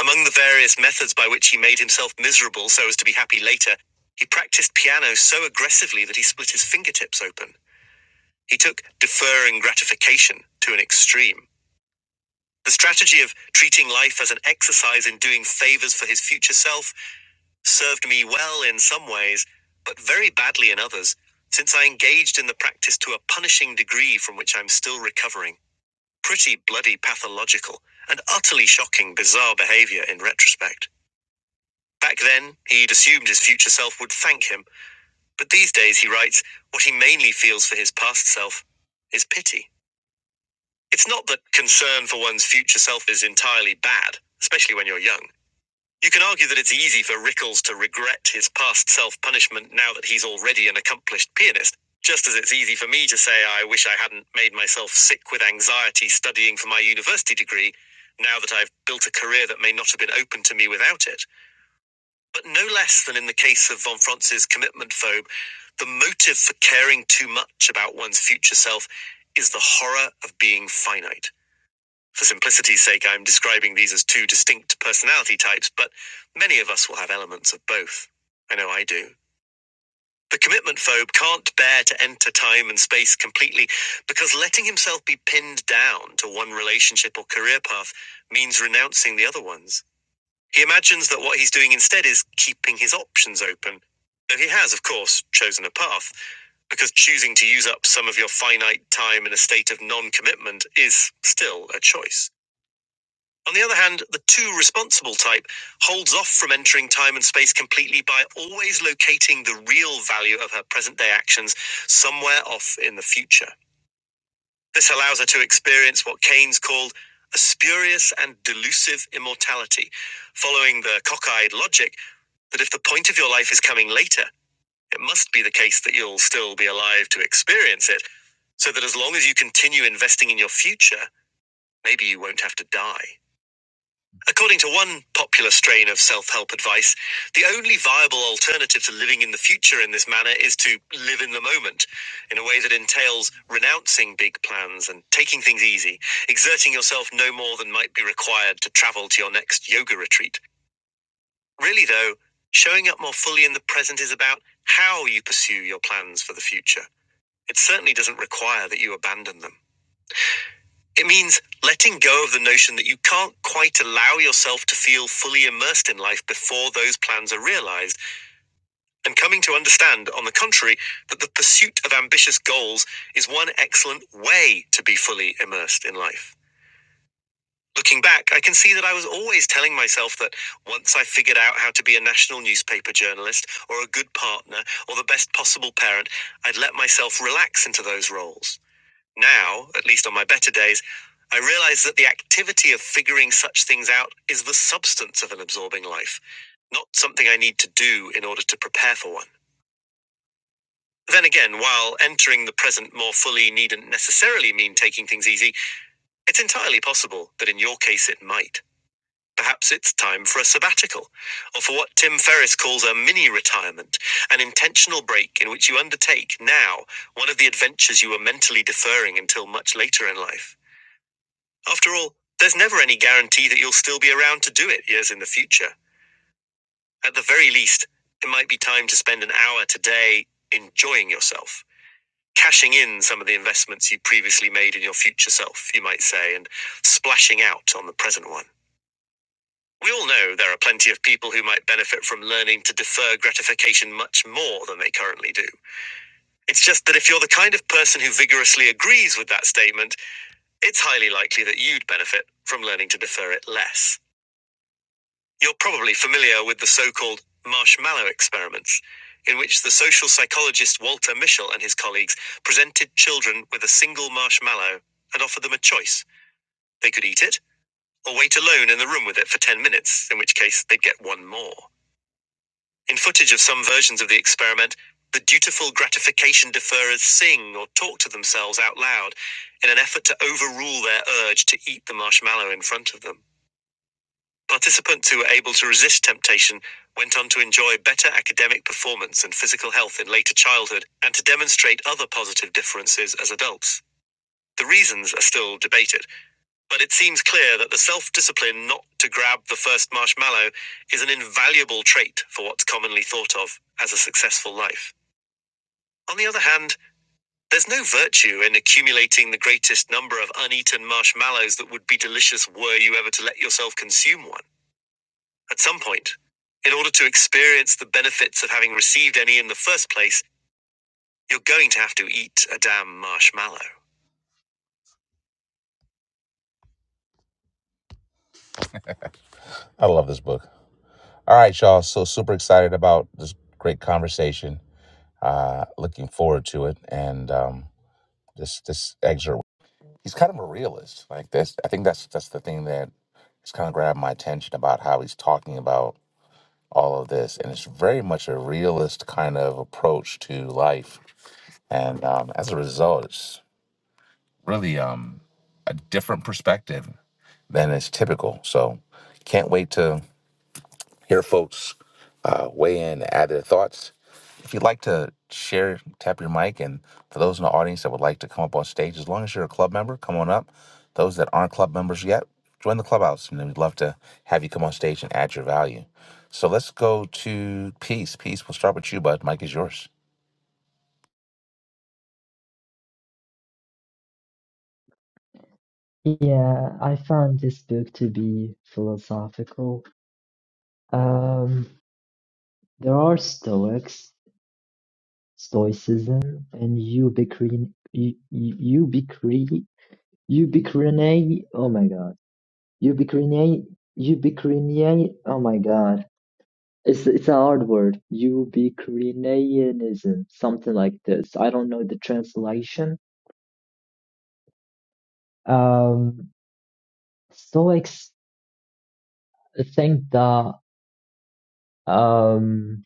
Speaker 1: Among the various methods by which he made himself miserable so as to be happy later, he practiced piano so aggressively that he split his fingertips open. He took deferring gratification to an extreme. The strategy of treating life as an exercise in doing favors for his future self served me well in some ways, but very badly in others, since I engaged in the practice to a punishing degree from which I'm still recovering. Pretty bloody pathological, and utterly shocking, bizarre behavior in retrospect. Back then, he'd assumed his future self would thank him, but these days, he writes, what he mainly feels for his past self is pity. It's not that concern for one's future self is entirely bad, especially when you're young. You can argue that it's easy for Rickles to regret his past self punishment now that he's already an accomplished pianist, just as it's easy for me to say I wish I hadn't made myself sick with anxiety studying for my university degree now that I've built a career that may not have been open to me without it. But no less than in the case of von Franz's commitment phobe, the motive for caring too much about one's future self is the horror of being finite. For simplicity's sake, I'm describing these as two distinct personality types, but many of us will have elements of both. I know I do. The commitment phobe can't bear to enter time and space completely because letting himself be pinned down to one relationship or career path means renouncing the other ones. He imagines that what he's doing instead is keeping his options open. Though he has, of course, chosen a path, because choosing to use up some of your finite time in a state of non commitment is still a choice. On the other hand, the too responsible type holds off from entering time and space completely by always locating the real value of her present day actions somewhere off in the future. This allows her to experience what Keynes called a spurious and delusive immortality, following the cockeyed logic that if the point of your life is coming later, it must be the case that you'll still be alive to experience it, so that as long as you continue investing in your future, maybe you won't have to die. According to one popular strain of self help advice, the only viable alternative to living in the future in this manner is to live in the moment in a way that entails renouncing big plans and taking things easy, exerting yourself no more than might be required to travel to your next yoga retreat. Really, though, showing up more fully in the present is about how you pursue your plans for the future. It certainly doesn't require that you abandon them. It means letting go of the notion that you can't quite allow yourself to feel fully immersed in life before those plans are realized, and coming to understand, on the contrary, that the pursuit of ambitious goals is one excellent way to be fully immersed in life. Looking back, I can see that I was always telling myself that once I figured out how to be a national newspaper journalist, or a good partner, or the best possible parent, I'd let myself relax into those roles. Now, at least on my better days, I realize that the activity of figuring such things out is the substance of an absorbing life, not something I need to do in order to prepare for one. Then again, while entering the present more fully needn't necessarily mean taking things easy, it's entirely possible that in your case it might. Perhaps it's time for a sabbatical, or for what Tim Ferriss calls a mini retirement, an intentional break in which you undertake now one of the adventures you were mentally deferring until much later in life. After all, there's never any guarantee that you'll still be around to do it years in the future. At the very least, it might be time to spend an hour today enjoying yourself, cashing in some of the investments you previously made in your future self, you might say, and splashing out on the present one. We all know there are plenty of people who might benefit from learning to defer gratification much more than they currently do. It's just that if you're the kind of person who vigorously agrees with that statement, it's highly likely that you'd benefit from learning to defer it less. You're probably familiar with the so called marshmallow experiments, in which the social psychologist Walter Mischel and his colleagues presented children with a single marshmallow and offered them a choice. They could eat it or wait alone in the room with it for 10 minutes, in which case they'd get one more. In footage of some versions of the experiment, the dutiful gratification deferrers sing or talk to themselves out loud in an effort to overrule their urge to eat the marshmallow in front of them. Participants who were able to resist temptation went on to enjoy better academic performance and physical health in later childhood and to demonstrate other positive differences as adults. The reasons are still debated, but it seems clear that the self discipline not to grab the first marshmallow is an invaluable trait for what's commonly thought of as a successful life. On the other hand, there's no virtue in accumulating the greatest number of uneaten marshmallows that would be delicious were you ever to let yourself consume one. At some point, in order to experience the benefits of having received any in the first place, you're going to have to eat a damn marshmallow. I love this book. All right, y'all. So super excited about this great conversation. Uh, looking forward to it. And um, this this excerpt, he's kind of a realist. Like this, I think that's that's the thing that has kind of grabbed my attention about how he's talking about all of this, and it's very much a realist kind of approach to life. And um, as a result, really um, a different perspective than is typical. So can't wait to hear folks uh, weigh in, add their thoughts. If you'd like to share, tap your mic. And for those in the audience that would like to come up on stage, as long as you're a club member, come on up. Those that aren't club members yet, join the clubhouse. And we'd love to have you come on stage and add your value. So let's go to Peace. Peace, we'll start with you, bud. Mike is yours.
Speaker 11: Yeah, I found this book to be philosophical. Um, there are Stoics, Stoicism, and Ubiquity, Ubiquity, Ubiquity. Oh my God Ubiquinate, ubiquinate. Oh my God, it's it's a hard word. Ubiquitarianism, something like this. I don't know the translation. Um, Stoics think that um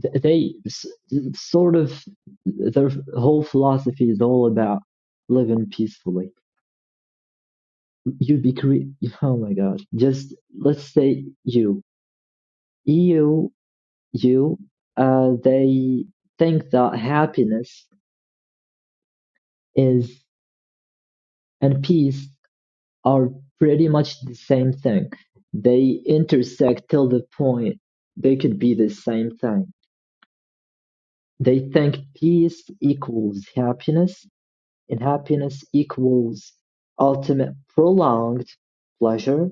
Speaker 11: th- they s- sort of their whole philosophy is all about living peacefully. Ubiquinate. *laughs* Oh my God, just let's say you, you, you. Uh, they think that happiness is and peace are pretty much the same thing. They intersect till the point they could be the same thing. They think peace equals happiness, and happiness equals ultimate prolonged pleasure,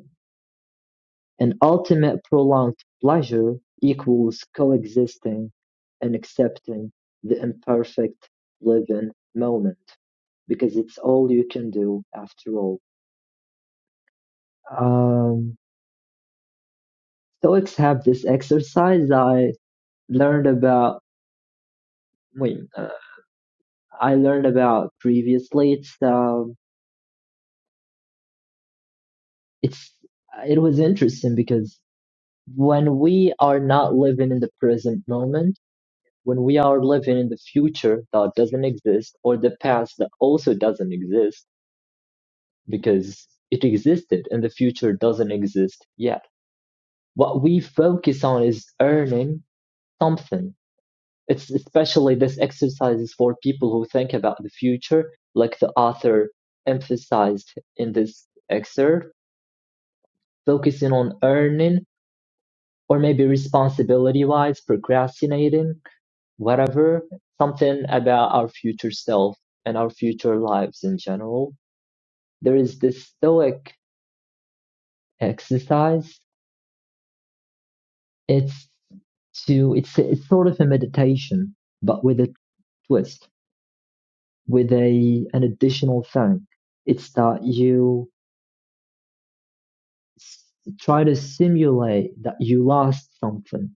Speaker 11: and ultimate prolonged pleasure equals coexisting and accepting the imperfect living moment because it's all you can do after all. Um, Stoics have this exercise I learned about. Wait, uh, I learned about previously. It's um, it's it was interesting because when we are not living in the present moment, when we are living in the future that doesn't exist, or the past that also doesn't exist because it existed and the future doesn't exist yet. What we focus on is earning something It's especially this exercise is for people who think about the future, like the author emphasized in this excerpt, focusing on earning or maybe responsibility wise, procrastinating, whatever, something about our future self and our future lives in general. There is this stoic exercise. It's to it's it's sort of a meditation, but with a twist with a an additional thing. It's that you s- try to simulate that you lost something.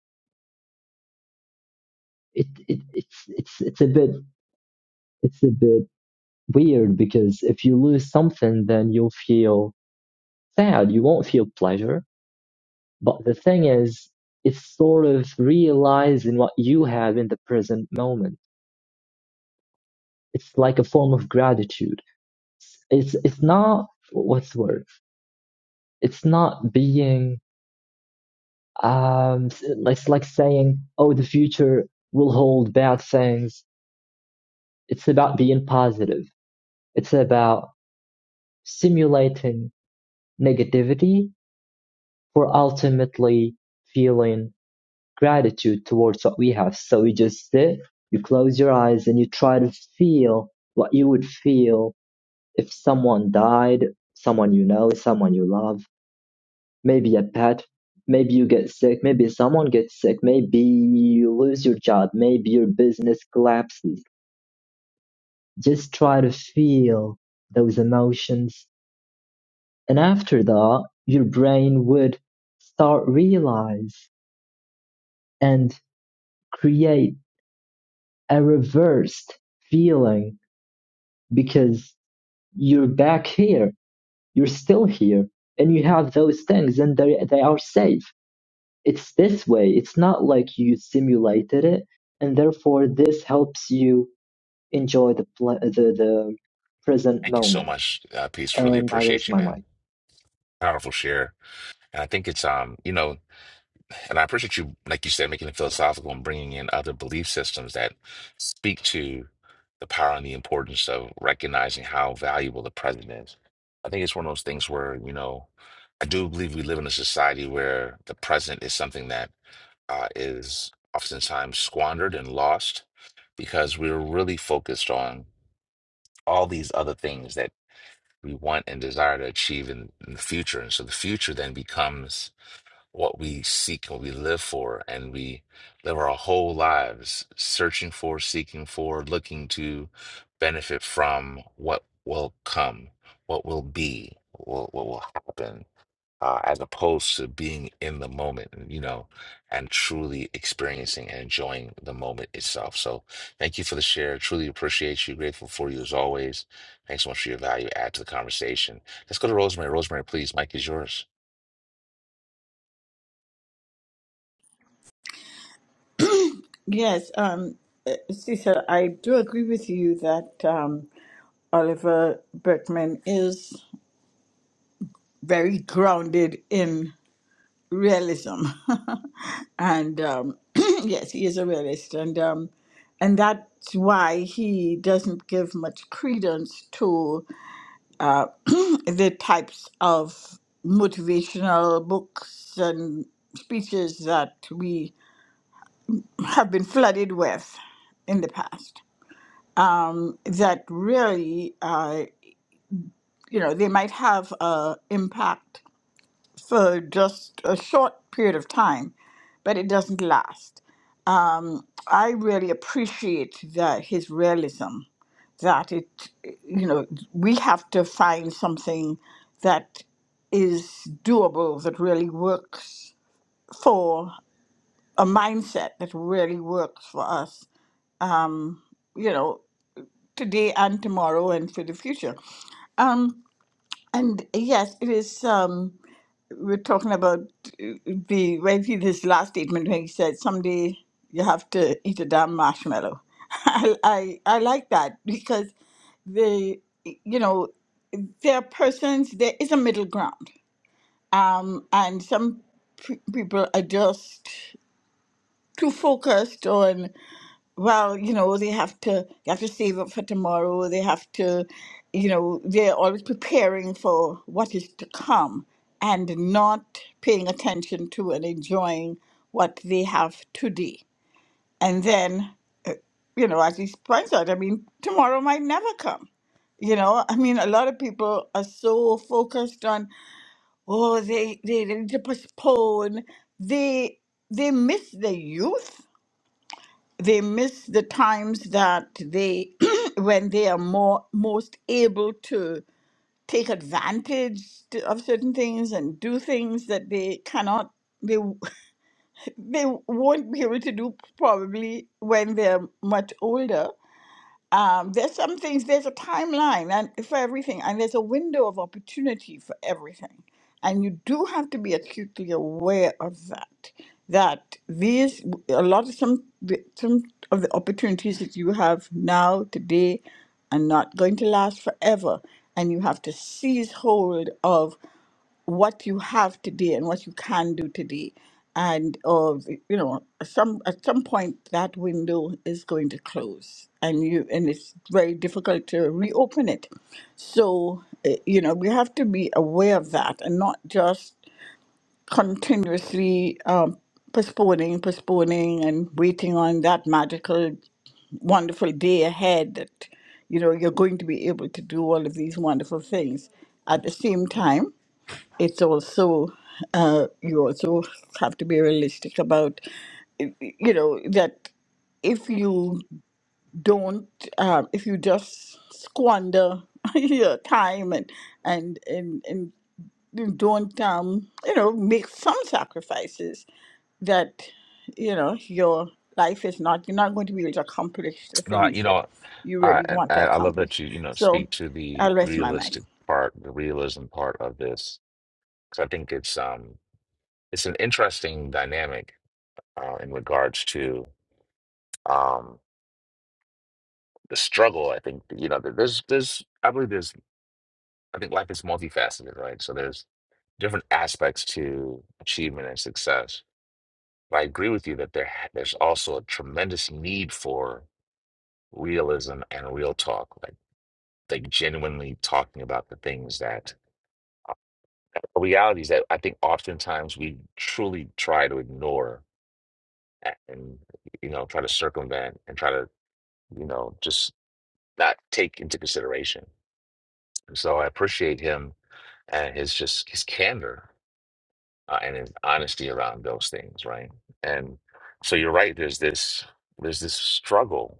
Speaker 11: It, it it's it's it's a bit it's a bit weird because if you lose something, then you'll feel sad. You won't feel pleasure. But the thing is, it's sort of realizing what you have in the present moment. It's like a form of gratitude. It's it's not what's the word. It's not being Um, s- it's like saying, "Oh, the future will hold bad things." It's about being positive. It's about simulating negativity for ultimately feeling gratitude towards what we have. So you just sit, you close your eyes, and you try to feel what you would feel if someone died, someone you know, someone you love Maybe a pet, maybe you get sick, maybe someone gets sick, maybe you lose your job, maybe your business collapses. Just try to feel those emotions. And after that, your brain would start realize and create a reversed feeling because you're back here, you're still here, and you have those things and they, they are safe It's this way. It's not like you simulated it, and therefore this helps you enjoy the ple- the, the present
Speaker 1: Thank you so
Speaker 11: moment.
Speaker 1: much, uh, Peace. Really
Speaker 11: And I rest
Speaker 1: appreciate you,
Speaker 11: my
Speaker 1: man.
Speaker 11: mic.
Speaker 1: Powerful share. And I think it's, um, you know, And I appreciate you, like you said, making it philosophical and bringing in other belief systems that speak to the power and the importance of recognizing how valuable the present is. I think it's one of those things where, you know, I do believe we live in a society where the present is something that uh, is oftentimes squandered and lost because we're really focused on all these other things that we want and desire to achieve in, in the future. And so the future then becomes what we seek and we live for, and we live our whole lives searching for, seeking for, looking to benefit from what will come, what will be, what, will, what will happen, uh, as opposed to being in the moment, you know, and truly experiencing and enjoying the moment itself. So, thank you for the share. Truly appreciate you. Grateful for you as always. Thanks so much for your value add to the conversation. Let's go to Rosemary. Rosemary, please, Mike is yours.
Speaker 7: Yes, um, uh, Cecil, I do agree with you that um, Oliver Berkman is very grounded in realism, *laughs* and um, *clears throat* yes, he is a realist, and um, and that's why he doesn't give much credence to. uh, *clears throat* the types of motivational books and speeches that we have been flooded with in the past. Um, that really, uh, you know, they might have an impact for just a short period of time, but it doesn't last. Um, I really appreciate that his realism that it, you know, we have to find something that is doable, that really works for a mindset that really works for us, um, you know, today and tomorrow and for the future. Um, and yes, it is. Um, we're talking about uh, the right here, this last statement where he said someday you have to eat a damn marshmallow. *laughs* I, I I like that because the you know there are persons there is a middle ground um and some p- people are just too focused on well, you know, they have to they have to save up for tomorrow. They have to, you know, they're always preparing for what is to come and not paying attention to and enjoying what they have today. And then, you know, as he points out, I mean, tomorrow might never come. You know, I mean, a lot of people are so focused on, oh, they they they need to postpone. They they miss the youth they miss the times that they *clears throat* when they are more most able to take advantage to- of certain things and do things that they cannot they w- *laughs* they won't be able to do probably when they're much older um, there's some things there's a timeline and for everything and there's a window of opportunity for everything and you do have to be acutely aware of that that these a lot of some some of the opportunities that you have now today are not going to last forever and you have to seize hold of what you have today and what you can do today and uh, you know some at some point that window is going to close and you and it's very difficult to reopen it so eh, you know we have to be aware of that and not just continuously um, postponing postponing and waiting on that magical wonderful day ahead that you know you're going to be able to do all of these wonderful things at the same time it's also uh, you also have to be realistic about you know that if you don't um, if you just squander *laughs* your time and and and, and you don't um, you know make some sacrifices that you know your life is not you're not going to be able to accomplish the
Speaker 1: No,
Speaker 7: things
Speaker 1: you
Speaker 7: that
Speaker 1: know,
Speaker 7: you
Speaker 1: I,
Speaker 7: really want
Speaker 1: I
Speaker 7: to
Speaker 1: I love that
Speaker 7: accomplish
Speaker 1: you you know
Speaker 7: so
Speaker 1: speak to the
Speaker 7: i'll rest my mic
Speaker 1: realistic part, the realism part of this, because I think it's um it's an interesting dynamic uh, in regards to um the struggle. I think you know there- there's there's I believe there's I think life is multifaceted, right? So there's different aspects to achievement and success. But I agree with you that there ha- there's also a tremendous need for realism and real talk, like like genuinely talking about the things that. The reality is that I think oftentimes we truly try to ignore and, you know, try to circumvent and try to, you know, just not take into consideration. And so I appreciate him and his just his candor uh, and his honesty around those things, right? And so you're right. There's this there's this struggle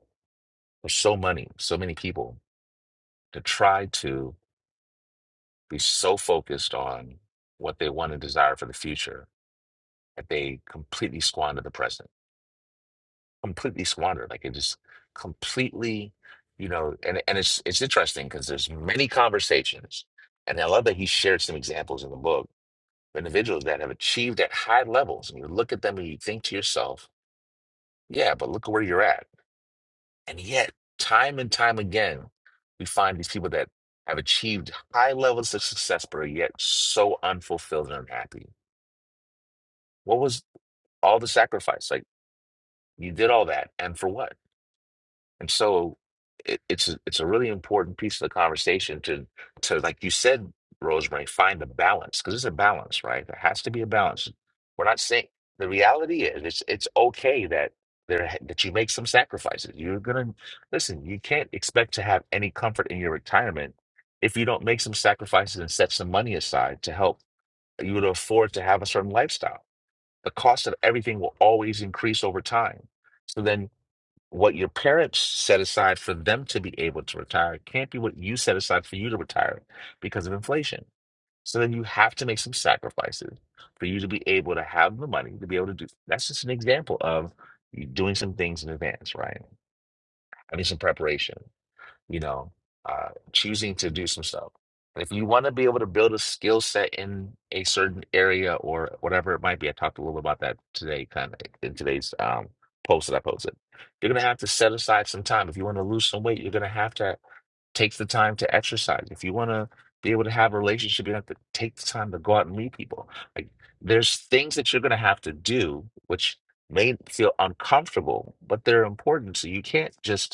Speaker 1: for so many, so many people to try to be so focused on what they want and desire for the future that they completely squander the present completely squandered. Like it just completely, you know, and and it's it's interesting because there's many conversations, and I love that he shared some examples in the book of individuals that have achieved at high levels, and you look at them and you think to yourself, yeah, but look at where you're at, and yet time and time again, we find these people that have achieved high levels of success, but are yet so unfulfilled and unhappy. What was all the sacrifice? Like you did all that, and for what? And so it, it's a- it's a really important piece of the conversation to to like you said, Rosemary, find a balance because it's a balance, right? There has to be a balance. We're not saying the reality is it's it's okay that there ha- that you make some sacrifices. You're gonna listen. You can't expect to have any comfort in your retirement if you don't make some sacrifices and set some money aside to help you to afford to have a certain lifestyle. The cost of everything will always increase over time. So then what your parents set aside for them to be able to retire can't be what you set aside for you to retire because of inflation. So then you have to make some sacrifices for you to be able to have the money to be able to do. That's just an example of you doing some things in advance, right? Having some preparation you know, uh, choosing to do some stuff. And if you want to be able to build a skill set in a certain area or whatever it might be, I talked a little bit about that today, kind of in today's um, post that I posted. You're going to have to set aside some time. If you want to lose some weight, you're going to have to take the time to exercise. If you want to be able to have a relationship, you have to take the time to go out and meet people. Like there's things that you're going to have to do, which may feel uncomfortable, but they're important. So you can't just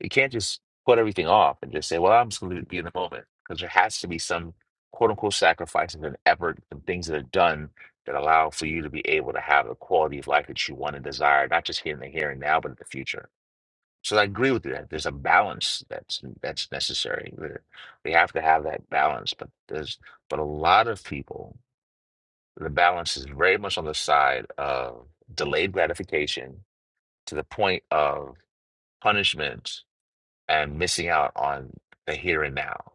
Speaker 1: you can't just put everything off and just say, well, I'm just going to be in the moment because there has to be some quote unquote sacrifices and effort and things that are done that allow for you to be able to have the quality of life that you want and desire, not just here in the here and now, but in the future. So I agree with you that there's a balance that's that's necessary. We we have to have that balance, but there's but a lot of people, the balance is very much on the side of delayed gratification to the point of punishment and missing out on the here and now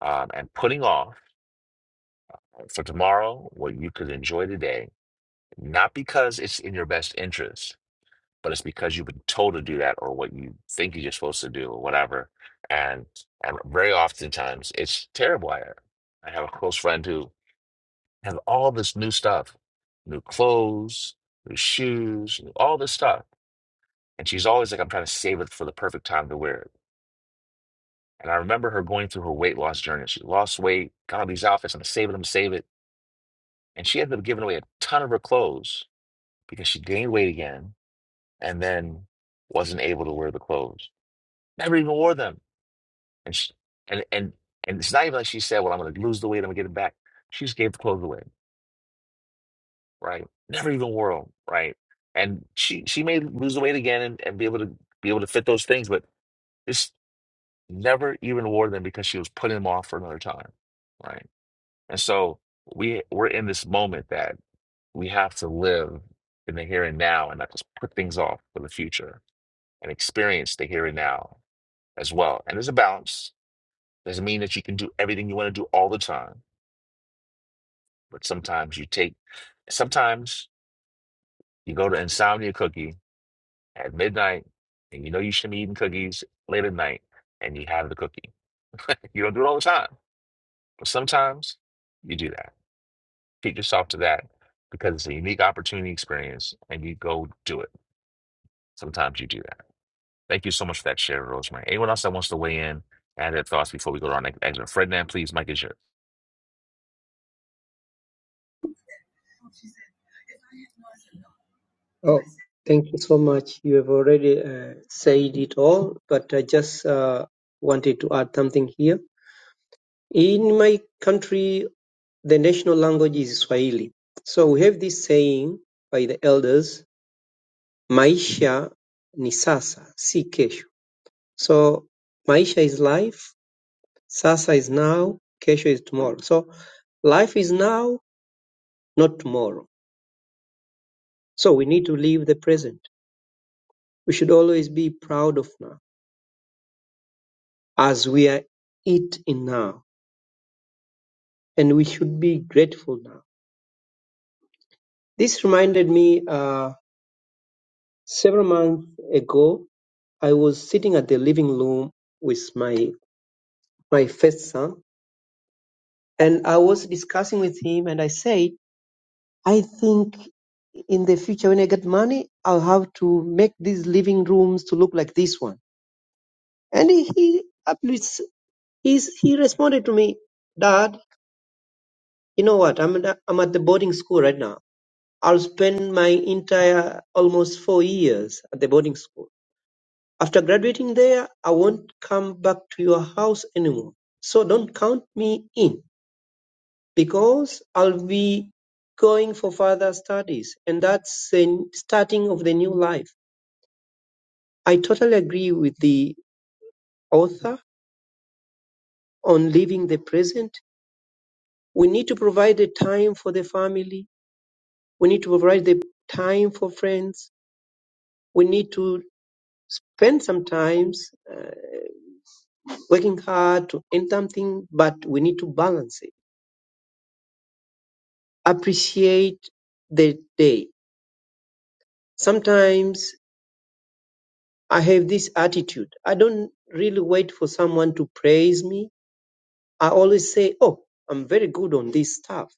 Speaker 1: um, and putting off for tomorrow what you could enjoy today, not because it's in your best interest, but it's because you've been told to do that or what you think you're supposed to do or whatever. And and very oftentimes it's terrible. I, I have a close friend who has all this new stuff, new clothes, new shoes, new- all this stuff. And she's always like, I'm trying to save it for the perfect time to wear it And I remember her going through her weight loss journey. She lost weight, got all these outfits, and saving them, save it. And she ended up giving away a ton of her clothes because she gained weight again and then wasn't able to wear the clothes. Never even wore them. And she, and and and it's not even like she said, "Well, I'm going to lose the weight, I'm going to get it back." She just gave the clothes away, right? Never even wore them, right? And she she may lose the weight again and, and be able to be able to fit those things, but just never even wore them because she was putting them off for another time, right? And so we we're in this moment that we have to live in the here and now and not just put things off for the future and experience the here and now as well. And there's a balance. Doesn't mean that you can do everything you want to do all the time, but sometimes you take sometimes you go to insomnia cookie at midnight and you know you shouldn't be eating cookies late at night and you have the cookie. You don't do it all the time, but sometimes you do that. Treat yourself to that because it's a unique opportunity experience and you go do it Sometimes you do that. Thank you so much for that share, Rosemary. Anyone else that wants to weigh in, add their thoughts before we go to our next exit? Ferdinand, please, Mike is yours.
Speaker 12: Oh, thank you so much. You have already uh, said it all, but I just uh, wanted to add something here. In my country, the national language is Swahili. So we have this saying by the elders, maisha ni sasa, si kesho. So maisha is life, sasa is now, kesho is tomorrow. So life is now, not tomorrow. So we need to live the present. We should always be proud of now, as we are it in now, and we should be grateful now. This reminded me uh, several months ago. I was sitting at the living room with my My first son and I was discussing with him, and I said, I think in the future when I get money, I'll have to make these living rooms to look like this one. And he he at least he's, he responded to me, Dad, you know what? I'm at, I'm at the boarding school right now. I'll spend my entire almost four years at the boarding school. After graduating there, I won't come back to your house anymore. So don't count me in. Because I'll be going for further studies, and that's the starting of the new life. I totally agree with the author on living the present. We need to provide the time for the family. We need to provide the time for friends. We need to spend sometimes uh, working hard to earn something, but we need to balance it. Appreciate the day. Sometimes I have this attitude. I don't really wait for someone to praise me. I always say, Oh, I'm very good on this stuff.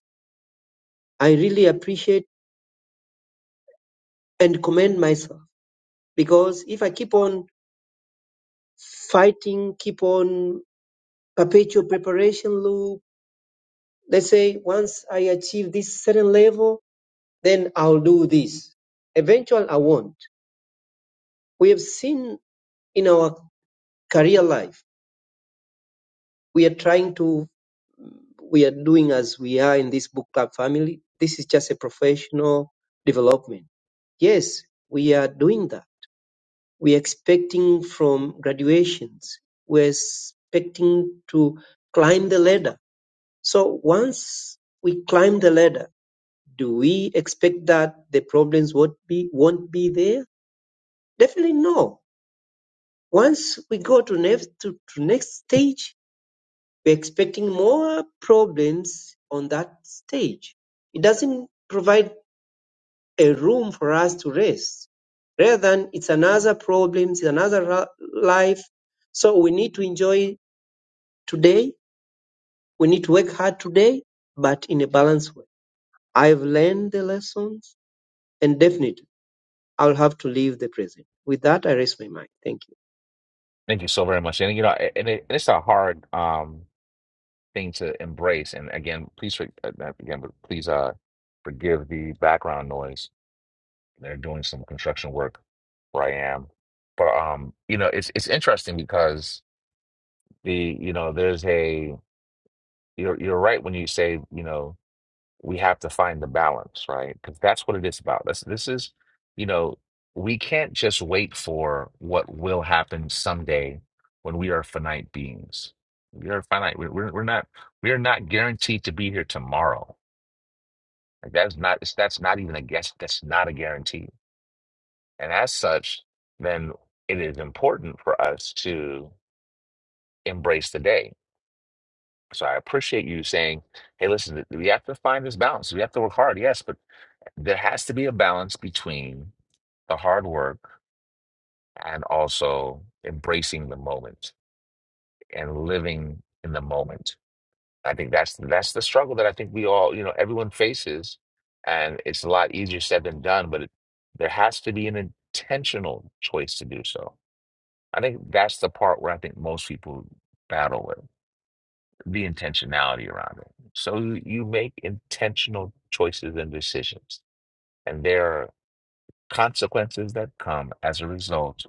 Speaker 12: I really appreciate and commend myself because if I keep on fighting, keep on perpetual preparation loop, let's say once I achieve this certain level, then I'll do this. Eventually I won't. We have seen in our career life, we are trying to we are doing as we are in this book club family. This is just a professional development. Yes, we are doing that. We're expecting from graduations. We're expecting to climb the ladder. So once we climb the ladder, do we expect that the problems won't be, won't be there? Definitely no. Once we go to next, to, to next stage, we're expecting more problems on that stage. It doesn't provide a room for us to rest. Rather than it's another problem, it's another ra- life. So we need to enjoy today. We need to work hard today, but in a balanced way. I've learned the lessons and definitely I'll have to leave the present. With that, I raise my mind. Thank you.
Speaker 1: Thank you so very much. And you know, a- and, it, and it's a hard um thing to embrace. And again, please for- uh, not again, but please uh forgive the background noise. They're doing some construction work where I am. But um, you know, it's it's interesting because the you know, there's a you're you're right when you say, you know, we have to find the balance, right? Because that's what it is about. This this is, you know, we can't just wait for what will happen someday when we are finite beings. We are finite. We're we're, we're not we are not guaranteed to be here tomorrow. Like that's not it's- that's not even a guess. That's not a guarantee. And as such, then it is important for us to embrace the day. So I appreciate you saying, "Hey, listen, we have to find this balance. We have to work hard, yes, but." There has to be a balance between the hard work and also embracing the moment and living in the moment. I think that's that's the struggle that I think we all, you know, everyone faces, and it's a lot easier said than done. But it, there has to be an intentional choice to do so. I think that's the part where I think most people battle with the intentionality around it. So you you make intentional choices and decisions, and there. consequences that come as a result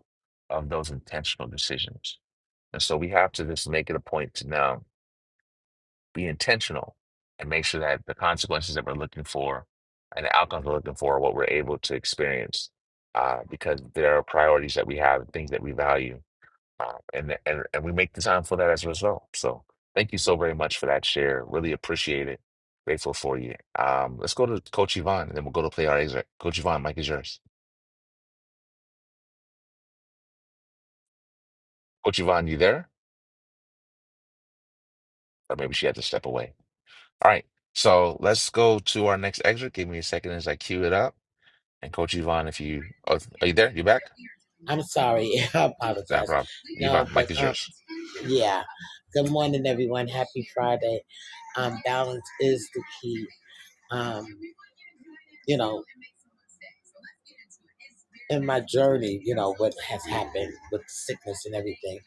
Speaker 1: of those intentional decisions. And so we have to just make it a point to now be intentional and make sure that the consequences that we're looking for and the outcomes we're looking for are what we're able to experience uh, because there are priorities that we have, things that we value, uh, and, and, and we make the time for that as a result. So thank you so very much for that share. Really appreciate it. Grateful for you. Um, let's go to Coach Yvonne and then we'll go to play our excerpt. Coach Yvonne, Mike is yours. Coach Yvonne, you there? Or maybe she had to step away. All right. So let's go to our next excerpt. Give me a second as I queue it up. And Coach Yvonne, if you oh, are you there? You back?
Speaker 14: I'm sorry. *laughs* I
Speaker 1: No
Speaker 14: apologize.
Speaker 1: problem.
Speaker 14: No,
Speaker 1: Yvonne,
Speaker 14: but
Speaker 1: Mike is
Speaker 14: um,
Speaker 1: yours.
Speaker 14: yeah. Good morning, everyone. Happy Friday. Um, balance is the key. Um, you know, in my journey, you know what has happened with sickness and everything,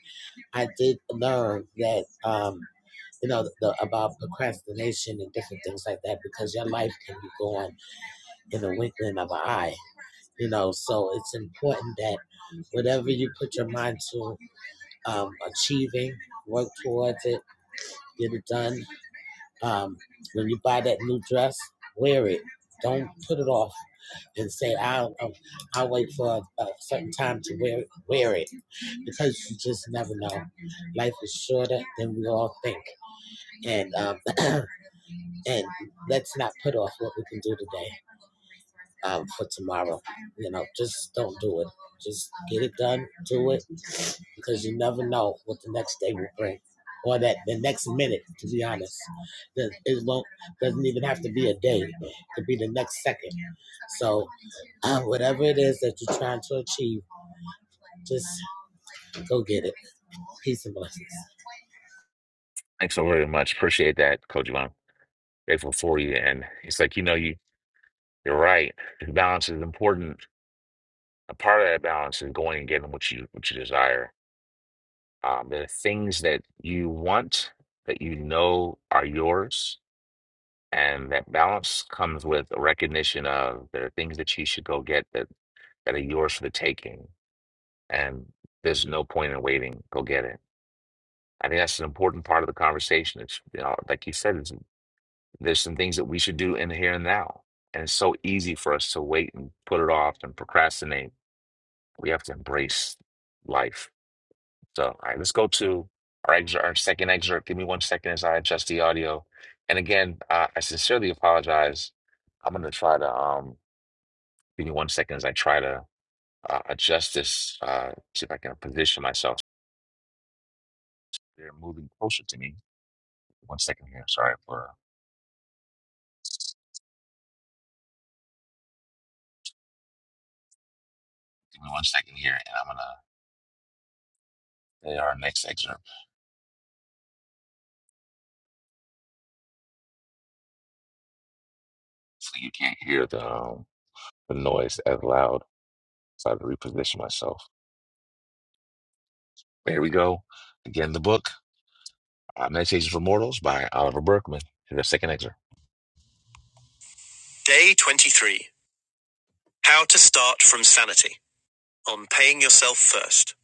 Speaker 14: I did learn that um, you know the, about procrastination and different things like that because your life can be gone in the winkling of an eye. You know, so it's important that whatever you put your mind to um, achieving, work towards it get it done. Um, when you buy that new dress, wear it. Don't put it off and say I'll I'll, I'll wait for a, a certain time to wear wear it because you just never know. Life is shorter than we all think, and um, *clears throat* and let's not put off what we can do today um, for tomorrow. You know, just don't do it. Just get it done, do it, because you never know what the next day will bring or that the next minute to be honest that it won't doesn't even have to be a day it could be the next second so *clears throat* uh, whatever it is that you're trying to achieve just go get it peace and blessings
Speaker 1: Thanks so very much. Appreciate that, Coach Yvonne. Grateful for you. And it's like, you know, you you're right. The balance is important. A part of that balance is going and getting what you what you desire. Um, there are things that you want that you know are yours. And that balance comes with a recognition of there are things that you should go get that that are yours for the taking. And there's no point in waiting. Go get it. I think that's an important part of the conversation. It's you know, like you said, it's, there's some things that we should do in the here and now. And it's so easy for us to wait and put it off and procrastinate. We have to embrace life. So, all right, let's go to our excerpt, our second excerpt. Give me one second as I adjust the audio. And again, uh, I sincerely apologize. I'm going to try to um, give me one second as I try to uh, adjust this. Uh, see if I can position myself They're moving closer to me. One second here. Sorry for give me one second here, and I'm gonna play our next excerpt so you can't hear the um, the noise as loud. So I have to reposition myself. Here we go. Again, the book uh, Meditations for Mortals by Oliver Berkman. Here's the second excerpt. Day 23. How to start from sanity on paying yourself first.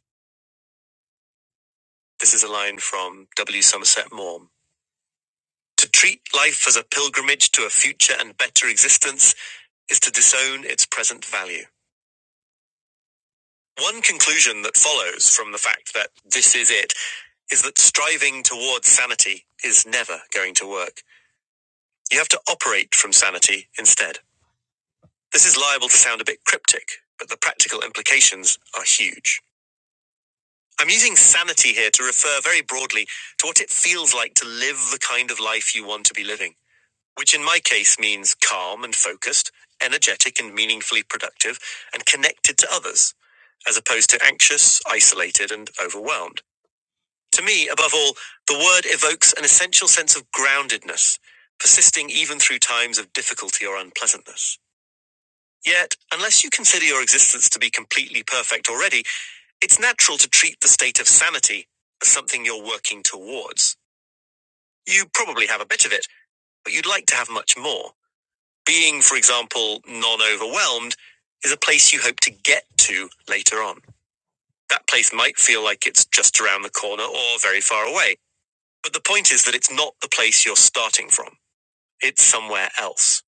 Speaker 1: This is a line from W. Somerset Maugham. To treat life as a pilgrimage to a future and better existence is to disown its present value. One conclusion that follows from the fact that this is it is that striving towards sanity is never going to work. You have to operate from sanity instead. This is liable to sound a bit cryptic, but the practical implications are huge. I'm using sanity here to refer very broadly to what it feels like to live the kind of life you want to be living, which in my case means calm and focused, energetic and meaningfully productive, and connected to others, as opposed to anxious, isolated, and overwhelmed. To me, above all, the word evokes an essential sense of groundedness, persisting even through times of difficulty or unpleasantness. Yet, unless you consider your existence to be completely perfect already, it's natural to treat the state of sanity as something you're working towards. You probably have a bit of it, but you'd like to have much more. Being, for example, non overwhelmed is a place you hope to get to later on. That place might feel like it's just around the corner or very far away But the point is that it's not the place you're starting from, it's somewhere else.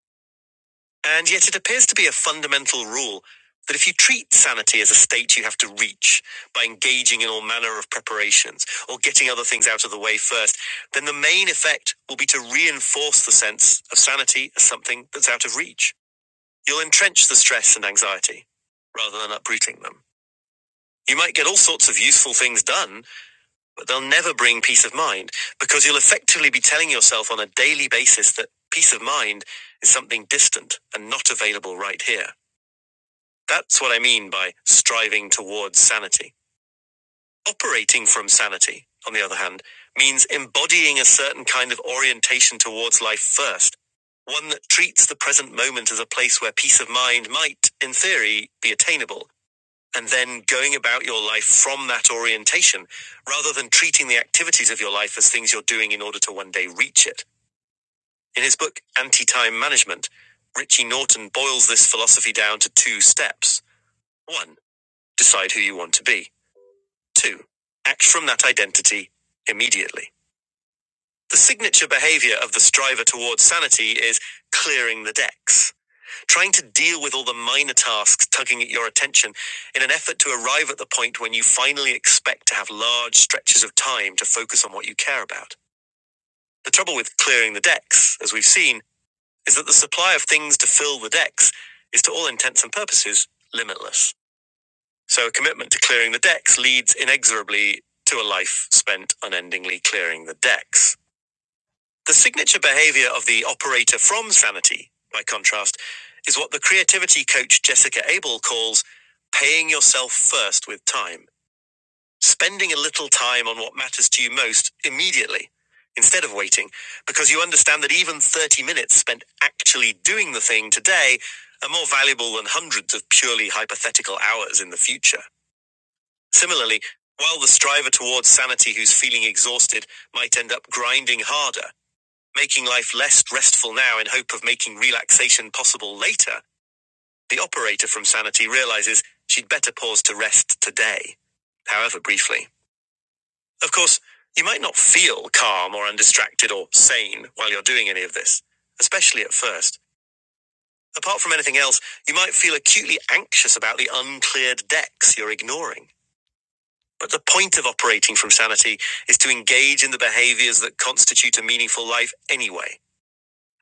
Speaker 1: And yet it appears to be a fundamental rule that if you treat sanity as a state you have to reach by engaging in all manner of preparations or getting other things out of the way first, then the main effect will be to reinforce the sense of sanity as something that's out of reach. You'll entrench the stress and anxiety rather than uprooting them. You might get all sorts of useful things done but they'll never bring peace of mind because you'll effectively be telling yourself on a daily basis that peace of mind is something distant and not available right here. That's what I mean by striving towards sanity. Operating from sanity, on the other hand, means embodying a certain kind of orientation towards life first, one that treats the present moment as a place where peace of mind might, in theory, be attainable, and then going about your life from that orientation rather than treating the activities of your life as things you're doing in order to one day reach it. In his book, Anti Time Management, Richie Norton boils this philosophy down to two steps. One, decide who you want to be. Two, act from that identity immediately. The signature behavior of the striver towards sanity is clearing the decks. trying to deal with all the minor tasks tugging at your attention in an effort to arrive at the point when you finally expect to have large stretches of time to focus on what you care about. The trouble with clearing the decks, as we've seen, is that the supply of things to fill the decks is to all intents and purposes limitless. So a commitment to clearing the decks leads inexorably to a life spent unendingly clearing the decks. The signature behavior of the operator from Sanity, by contrast, is what the creativity coach Jessica Abel calls paying yourself first with time, spending a little time on what matters to you most immediately, instead of waiting, because you understand that even 30 minutes spent actually doing the thing today are more valuable than hundreds of purely hypothetical hours in the future. Similarly, while the striver towards sanity who's feeling exhausted might end up grinding harder, making life less restful now in hope of making relaxation possible later, the operator from Sanity realizes she'd better pause to rest today, however briefly. Of course, you might not feel calm or undistracted or sane while you're doing any of this, especially at first. Apart from anything else, you might feel acutely anxious about the uncleared decks you're ignoring. But the point of operating from sanity is to engage in the behaviors that constitute a meaningful life anyway.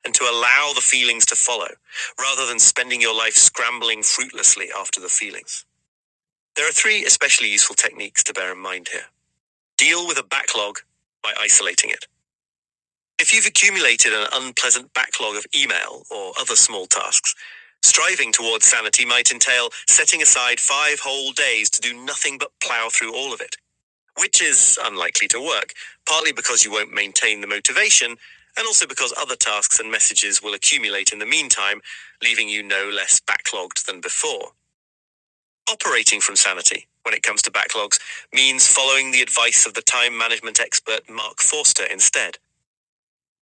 Speaker 1: and to allow the feelings to follow, rather than spending your life scrambling fruitlessly after the feelings. There are three especially useful techniques to bear in mind here. Deal with a backlog by isolating it. If you've accumulated an unpleasant backlog of email or other small tasks, striving towards sanity might entail setting aside five whole days to do nothing but plow through all of it which is unlikely to work, partly because you won't maintain the motivation, and also because other tasks and messages will accumulate in the meantime, leaving you no less backlogged than before. Operating from sanity, when it comes to backlogs, means following the advice of the time management expert Mark Forster instead.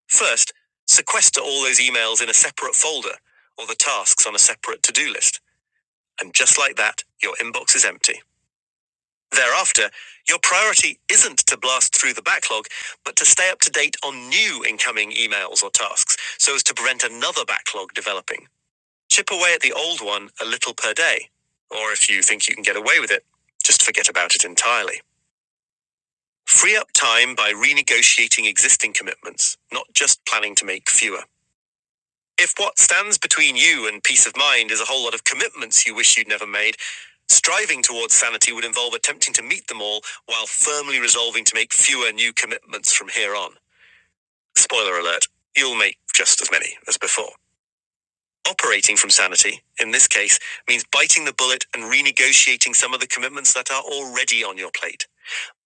Speaker 1: First, sequester all those emails in a separate folder, or the tasks on a separate to do list. And just like that, your inbox is empty. Thereafter, your priority isn't to blast through the backlog, but to stay up to date on new incoming emails or tasks so as to prevent another backlog developing. Chip away at the old one a little per day. Or if you think you can get away with it, just forget about it entirely. Free up time by renegotiating existing commitments, not just planning to make fewer. If what stands between you and peace of mind is a whole lot of commitments you wish you'd never made, striving towards sanity would involve attempting to meet them all while firmly resolving to make fewer new commitments from here on. Spoiler alert, you'll make just as many as before. Operating from sanity, in this case, means biting the bullet and renegotiating some of the commitments that are already on your plate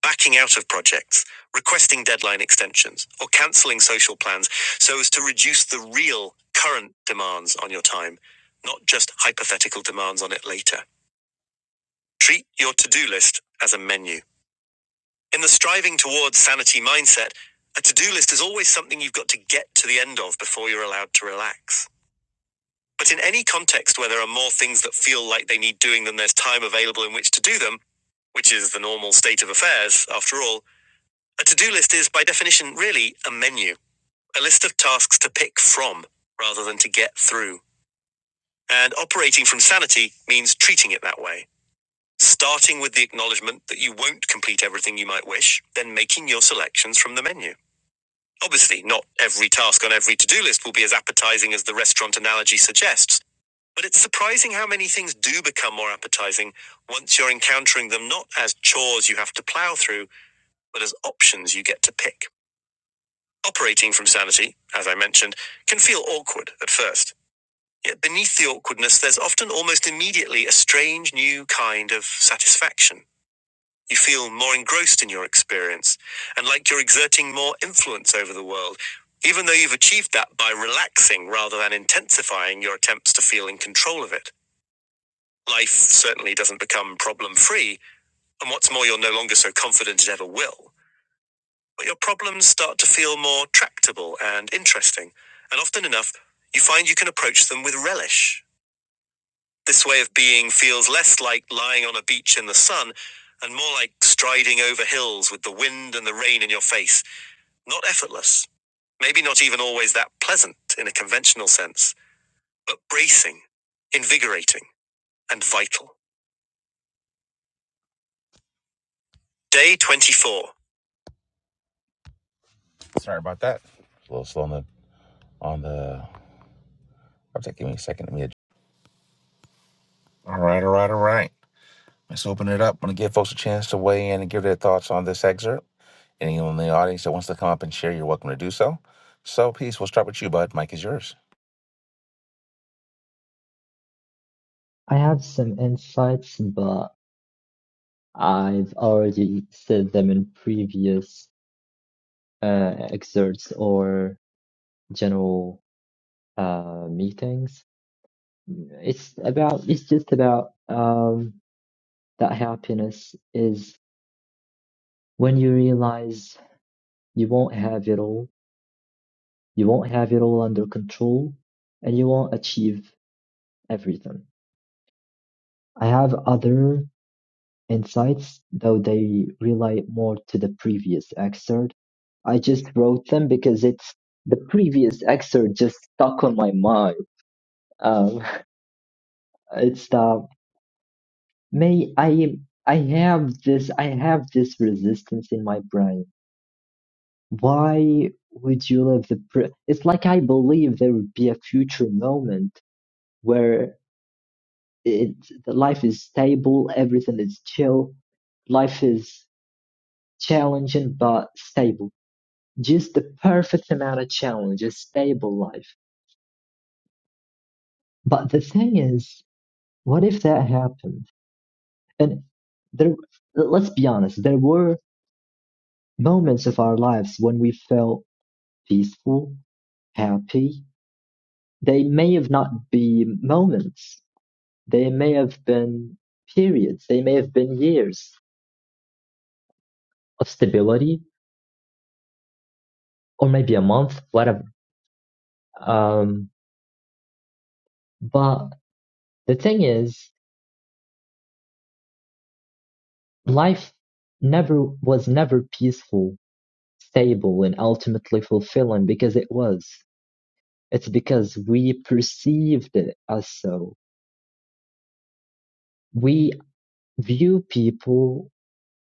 Speaker 1: backing out of projects, requesting deadline extensions, or cancelling social plans so as to reduce the real current demands on your time, not just hypothetical demands on it later. Treat your to do list as a menu. In the striving towards sanity mindset, a to do list is always something you've got to get to the end of before you're allowed to relax. But in any context where there are more things that feel like they need doing than there's time available in which to do them, which is the normal state of affairs, after all, A to do list is, by definition, really a menu, a list of tasks to pick from rather than to get through. And operating from sanity means treating it that way. Starting with the acknowledgement that you won't complete everything you might wish, then making your selections from the menu. Obviously, not every task on every to do list will be as appetizing as the restaurant analogy suggests, but it's surprising how many things do become more appetizing once you're encountering them not as chores you have to plow through, but as options you get to pick. Operating from sanity, as I mentioned, can feel awkward at first. Yet beneath the awkwardness, there's often almost immediately a strange new kind of satisfaction. You feel more engrossed in your experience and like you're exerting more influence over the world, even though you've achieved that by relaxing rather than intensifying your attempts to feel in control of it. Life certainly doesn't become problem free, and what's more, you're no longer so confident it ever will. but your problems start to feel more tractable and interesting. And often enough, you find you can approach them with relish. This way of being feels less like lying on a beach in the sun and more like striding over hills with the wind and the rain in your face. Not effortless, maybe not even always that pleasant in a conventional sense, but bracing, invigorating, and vital. Day 24. That was a little slow on the, on the. I'll take give me a second. Let me. All right, all right, all right. Let's open it up. I'm going to give folks a chance to weigh in and give their thoughts on this excerpt. Anyone in the audience that wants to come up and share, you're welcome to do so. So, peace. We'll start with you, bud. Mike is yours.
Speaker 11: I have some insights, but I've already said them in previous uh, excerpts or general uh, meetings. It's about. It's just about um, that happiness is when you realize you won't have it all You won't have it all under control and you won't achieve everything. I have other insights, though they relate more to the previous excerpt. I just wrote them because it's the previous excerpt just stuck on my mind. Um, *laughs* it's the may I I have this I have this resistance in my brain. Why would you live the pre- It's like I believe there would be a future moment where it, the life is stable, everything is chill, life is challenging but stable. Just the perfect amount of challenge, a stable life. But the thing is, what if that happened? And there, let's be honest, there were moments of our lives when we felt peaceful, happy. They may have not been moments. They may have been periods. They may have been years of stability, or maybe a month, whatever Um, but the thing is, life never was never peaceful, stable, and ultimately fulfilling because it was. It's because we perceived it as so. We view people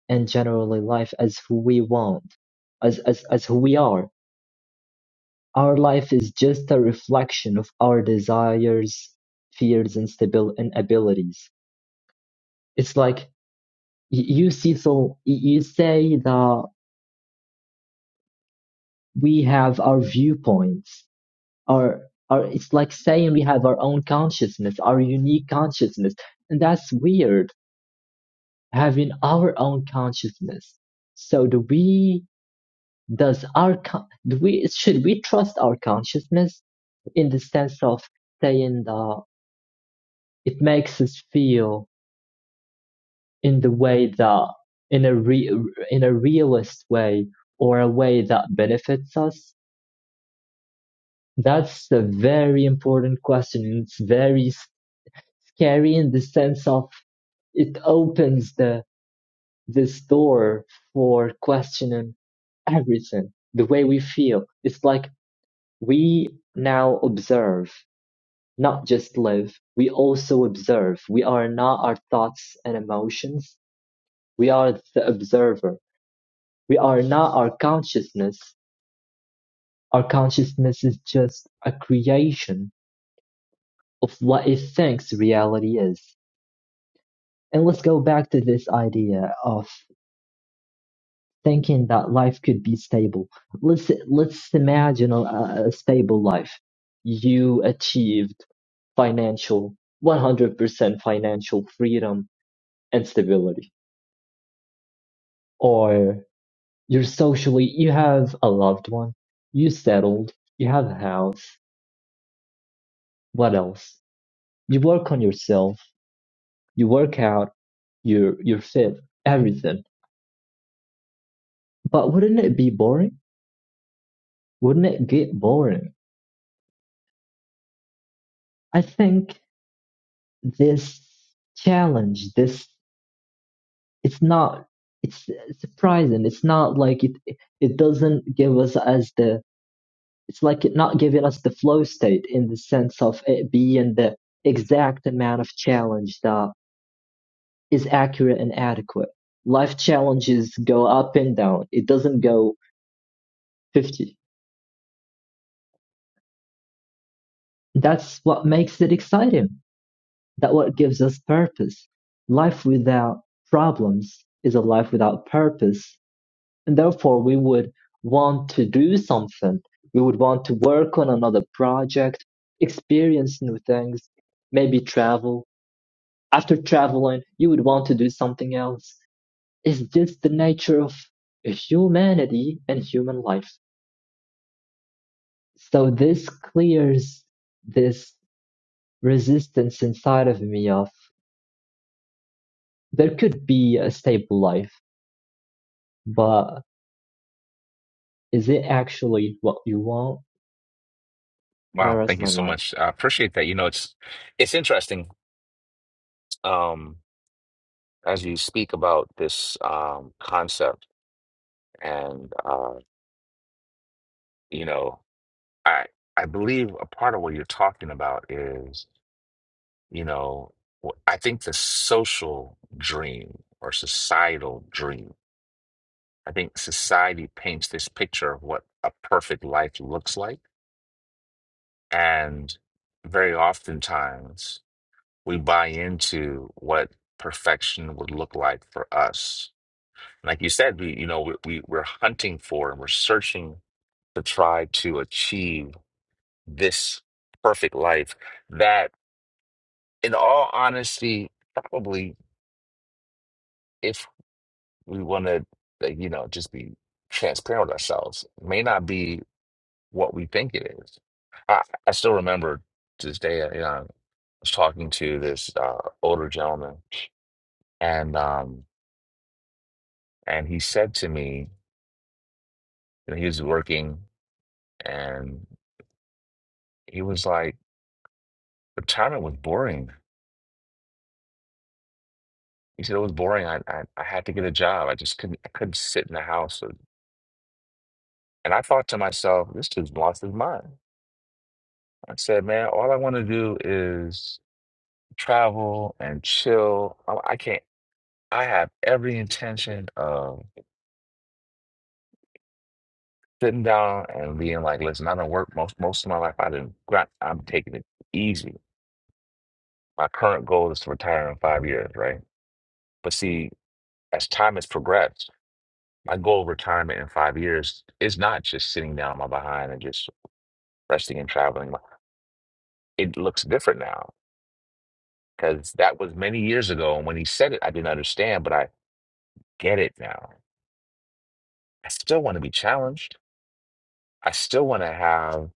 Speaker 11: and generally life as who we want, as, as, as who we are. Our life is just a reflection of our desires, fears, and, stabil- and abilities. It's like y- you see, so y- you say that we have our viewpoints our our it's like saying we have our own consciousness our unique consciousness and that's weird having our own consciousness so do we does our con- do we should we trust our consciousness in the sense of saying that it makes us feel in the way that in a re- in a realist way or a way that benefits us that's a very important question. It's very scary in the sense of it opens the this door for questioning everything, the way we feel. It's like we now observe, not just live. We also observe. We are not our thoughts and emotions. We are the observer. We are not our consciousness. Our consciousness is just a creation of what it thinks reality is. And let's go back to this idea of thinking that life could be stable. Let's let's imagine a, a stable life. You achieved financial 100% financial freedom and stability, or you're socially you have a loved one, you settled, you have a house. What else? You work on yourself, you work out, you're you're fit, everything. But wouldn't it be boring? Wouldn't it get boring? I think this challenge this it's not it's surprising it's not like it it doesn't give us as the it's like it not giving us the flow state in the sense of it being the exact amount of challenge that is accurate and adequate life challenges go up and down it doesn't go 50 that's what makes it exciting that what gives us purpose life without problems is a life without purpose and therefore we would want to do something we would want to work on another project experience new things maybe travel after traveling you would want to do something else is this the nature of humanity and human life so this clears this resistance inside of me of there could be a stable life but is it actually what you want and i
Speaker 1: Wow,
Speaker 11: rest
Speaker 1: thank you
Speaker 11: my
Speaker 1: so
Speaker 11: mic
Speaker 1: much. I appreciate that. You know, it's it's interesting um as you speak about this um concept and uh you know, I I believe a part of what you're talking about is, you know, wh- I think the social dream or societal dream I think society paints this picture of what a perfect life looks like. And very oftentimes we buy into what perfection would look like for us. Like you said, we, you know, we, we, we're hunting for and we're searching to try to achieve this perfect life that, in all honesty, probably if we want to, you know, just be transparent with ourselves, may not be what we think it is. I, I still remember to this day, uh, you know, I was talking to this uh, older gentleman, and um, and he said to me, you know, he was working, and he was like, retirement was boring. He said it was boring. I, I I had to get a job. I just couldn't I couldn't sit in the house. And and I thought to myself, this dude's lost his mind. I said, man, all I want to do is travel and chill. I, I can't. I have every intention of sitting down and being like, listen, I don't work most most of my life. I didn't got I'm taking it easy. My current goal is to retire in five years, right? But see, as time has progressed, my goal of retirement in five years is not just sitting down on my behind and just resting and traveling. It looks different now because that was many years ago. And when he said it, I didn't understand, but I get it now. I still want to be challenged. I still want to have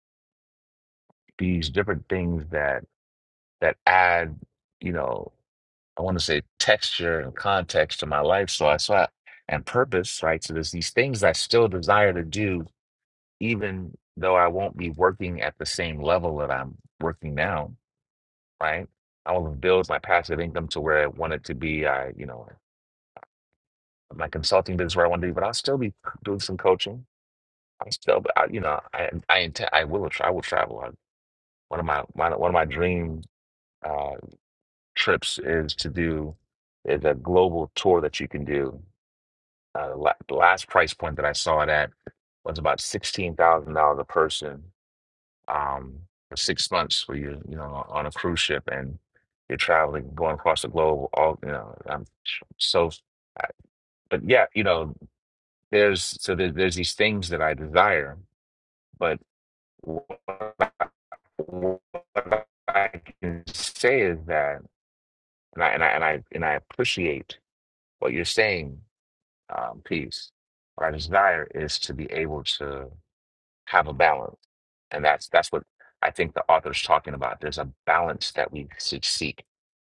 Speaker 1: these different things that that add, you know. I want to say texture and context to my life. So I saw and purpose, right? So there's these things I still desire to do, even though I won't be working at the same level that I'm working now, right? I want to build my passive income to where I want it to be. I, you know, my consulting business where I want to be, but I'll still be doing some coaching. I still, but I, you know, I, I intend, I will, I will travel. I- One of my, my one of my dream uh, trips is to do is a global tour that you can do Uh, the la- the last price point that I saw it at was about sixteen thousand dollars a person um, for six months, where you you know on a cruise ship and you're traveling, going across the globe. All you know, I'm so, I- but yeah, you know, there's so there, there's these things that I desire, but what I, what I can say is that, and I and I and I, and I appreciate what you're saying, um, peace. What I desire is to be able to. have a balance. And that's that's what I think the author's talking about. There's a balance that we should seek.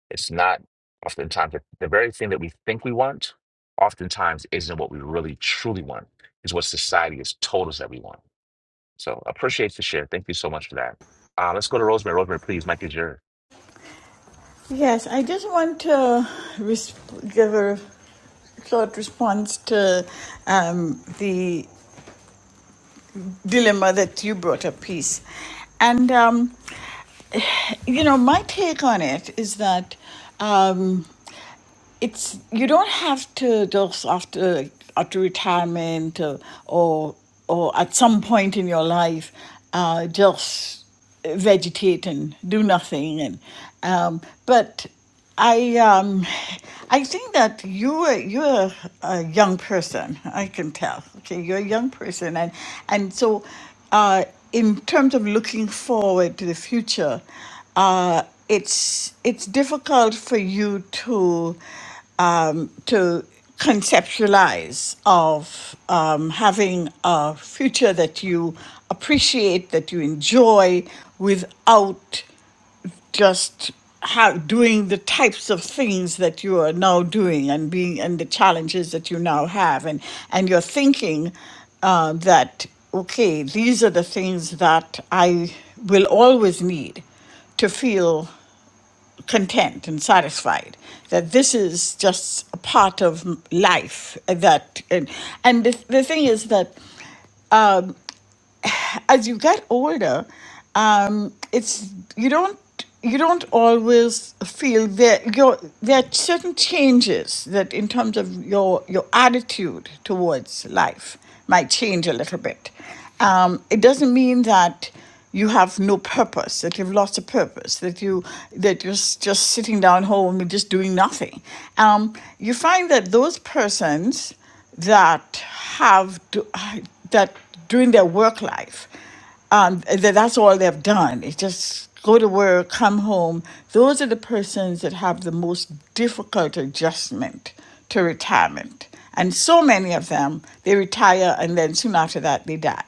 Speaker 1: It's not oftentimes the, the very thing that we think we want, oftentimes isn't what we really truly want, is what society has told us that we want. So appreciate the share. Thank you so much for that. Uh, let's go to Rosemary. Rosemary, please, Mike is yours.
Speaker 7: Yes, I just want to res- give a short response to um, the dilemma that you brought up, peace. And, um, you know, my take on it is that. Um, it's you don't have to just after after retirement uh, or or at some point in your life uh, just vegetate and do nothing and um, but I um, I think that you are you're a young person. I can tell. Okay, you're a young person, and and so uh, in terms of looking forward to the future uh, it's it's difficult for you to um, to conceptualize of um, having a future that you appreciate, that you enjoy, without just how doing the types of things that you are now doing and being and the challenges that you now have and and you're thinking uh, that okay these are the things that i will always need to feel content and satisfied that this is just a part of m- life uh, that and, and the, the thing is that as you get older, um, it's you don't you don't always feel that your there are certain changes that in terms of your your attitude towards life might change a little bit. Um, it doesn't mean that you have no purpose, that you've lost a purpose, that you that you're s- just sitting down home and just doing nothing. Um, you find that those persons that have to, that during their work life, um, that that's all they've done. It's just go to work, come home. Those are the persons that have the most difficult adjustment to retirement. And so many of them, they retire and then soon after that they die.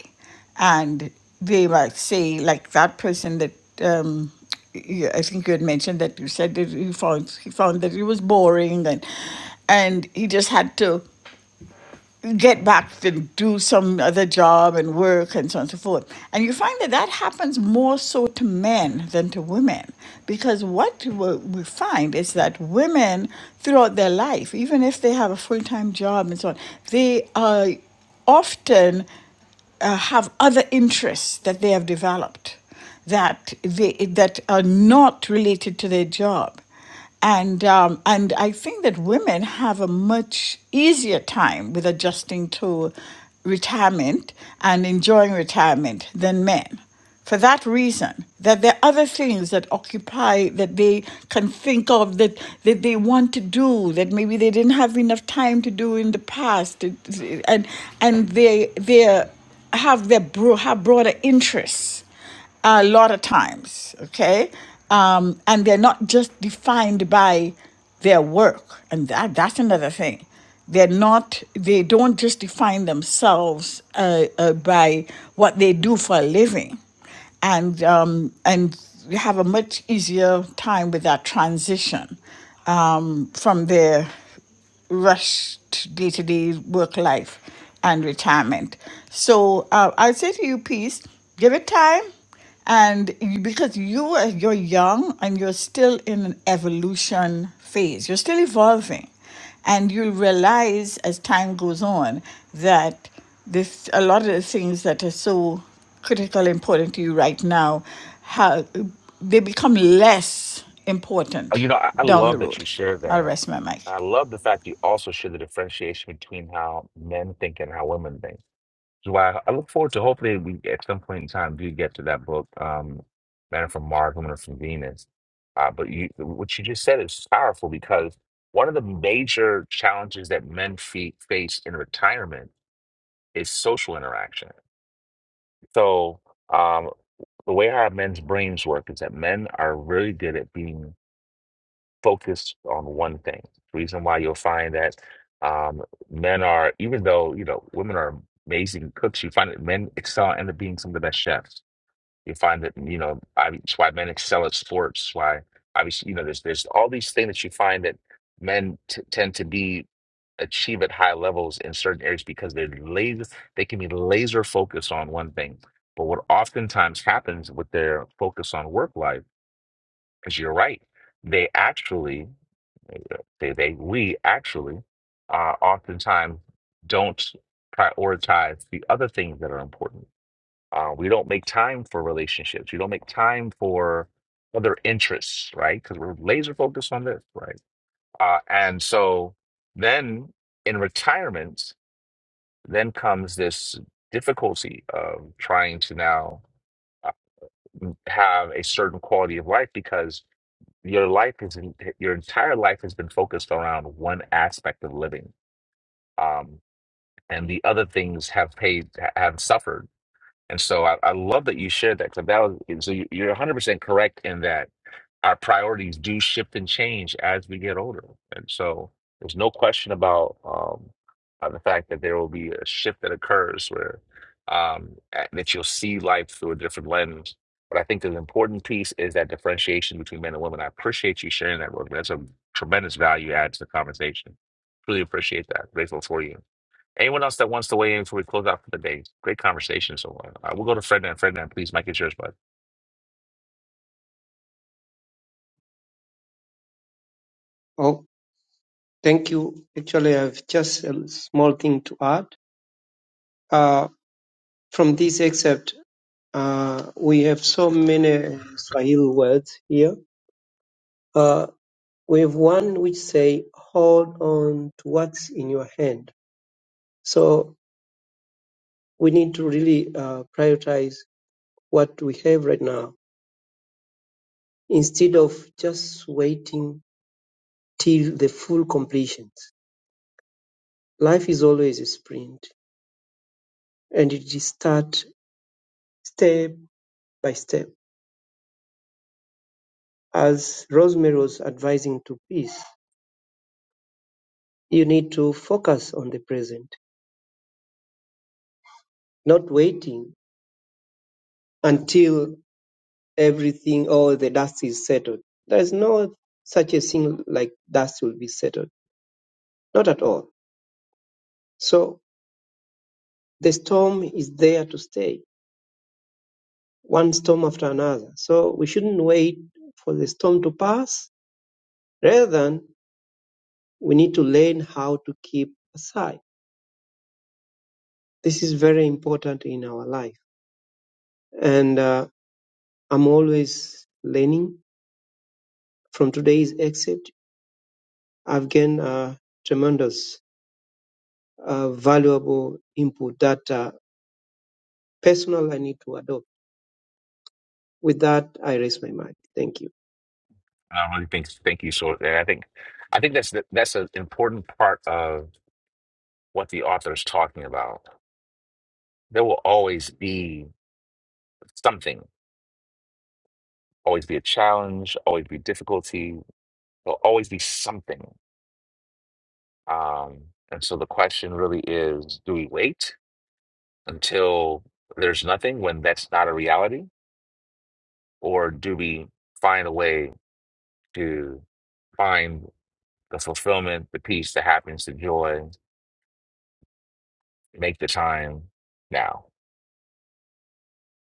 Speaker 7: And they might say, like that person that um, you- I think you had mentioned that you said that he found he found that he was boring and and he just had to get back to do some other job and work and so on and so forth. And you find that that happens more so to men than to women because what we we find is that women throughout their life, even if they have a full time job and so on, they are often uh, have other interests that they have developed that they that are not related to their job and um, and I think that women have a much easier time with adjusting to retirement and enjoying retirement than men for that reason that there are other things that occupy that they can think of that that they want to do that maybe they didn't have enough time to do in the past and and they they have their bro- have broader interests a lot of times okay um, and they're not just defined by their work and that that's another thing they're not they don't just define themselves uh, uh, by what they do for a living and um, and you have a much easier time with that transition um, from there rushed day to day work life and retirement. So uh, I say to you, peace, give it time. And you, because you are you're young and you're still in an evolution phase, you're still evolving, and you'll realize as time goes on that this a lot of the things that are so critical important to you right now, how they become less
Speaker 1: Oh,
Speaker 7: important
Speaker 1: you know, I, I
Speaker 7: down the
Speaker 1: love that
Speaker 7: road.
Speaker 1: you shared
Speaker 7: I'll
Speaker 1: that.
Speaker 7: rest my mic.
Speaker 1: I love the fact you also share the differentiation between how men think and how women think So I I look forward to hopefully we at some point in time do get to that book, um, Man from Mars, Woman from Venus. Uh, but you, what you just said is powerful because one of the major challenges that men fe face in retirement is social interaction. So um, the way our men's brains work is that men are really good at being focused on one thing. Reason why you'll find that um, men are, even though you know women are amazing cooks, you find that men excel and end up being some of the best chefs. You find that you know I, it's why men excel at sports. Why obviously you know there's there's all these things that you find that men t- tend to be achieve at high levels in certain areas because they're laser they can be laser focused on one thing. But what oftentimes happens with their focus on work life, because you're right, they actually they, they, we actually uh, oftentimes don't prioritize the other things that are important. Uh, we don't make time for relationships. We don't make time for other interests, right? Because we're laser focused on this, right? Uh, and so then in retirement, then comes this difficulty of trying to now uh, have a certain quality of life because your life is your entire life has been focused around one aspect of living um and the other things have paid ha- have suffered and so i, I love that you shared that because that was so you- you're 100% correct in that our priorities do shift and change as we get older. And so there's no question about um, uh, the fact that there will be a shift that occurs where um, a- that you'll see life through a different lens. But I think the important piece is that differentiation between men and women. I appreciate you sharing that, Rosemary. That's a tremendous value add to the conversation. Really appreciate that. Grateful for you. Anyone else that wants to weigh in before we close out for the day? Great conversation so far. Uh, we'll go to Fred and please. Mike is yours, bud.
Speaker 12: Oh, thank you. Actually, I have just a small thing to add. Uh, from this excerpt, Uh, we have so many Swahili words here. Uh, we have one which say, hold on to what's in your hand. So we need to really uh, prioritize what we have right now instead of just waiting till the full completion. Life is always a sprint and it is start step by step. As Rosemary was advising to peace, you need to focus on the present, not waiting until everything all the dust is settled. There is no such a thing like dust will be settled. Not at all. So the storm is there to stay, one storm after another. So we shouldn't wait for the storm to pass. Rather than we need to learn how to keep aside. This is very important in our life. And uh, I'm always learning from today's excerpt. I've gained a tremendous uh, valuable input data personal I need to adopt. With that, I raise my mic. Thank you.
Speaker 1: And I really think thank you. So and I think I think that's the, that's an important part of what the author is talking about. There will always be something, always be a challenge, always be difficulty. There'll always be something. Um, and so the question really is: Do we wait until there's nothing when that's not a reality, or do we find a way to find the fulfillment, the peace, the happiness, the joy, make the time now?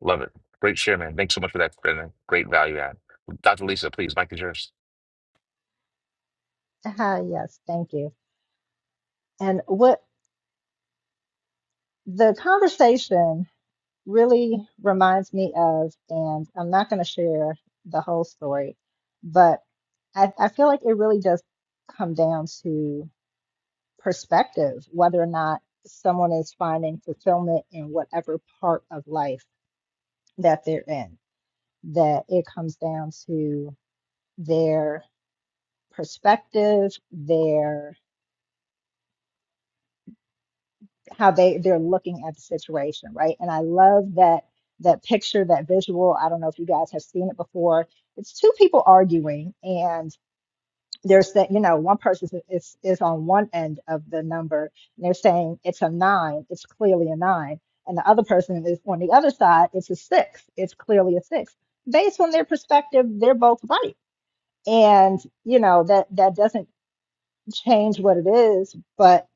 Speaker 1: Love it. Great share, man. Thanks so much for that. Brendan. Great value add. Dr. Lisa, please, Mike is yours.
Speaker 8: Ah, yes, thank you. And what? the conversation really reminds me of, and I'm not going to share the whole story, but I, I feel like it really does come down to perspective, whether or not someone is finding fulfillment in whatever part of life that they're in, that it comes down to their perspective, their how they they're looking at the situation, right? And I love that that picture, that visual. I don't know if you guys have seen it before. It's two people arguing, and they're saying, you know, one person is is is on one end of the number, and they're saying it's a nine. It's clearly a nine, and the other person is on the other side. It's a six. It's clearly a six. Based on their perspective, they're both right, and you know that that doesn't change what it is, but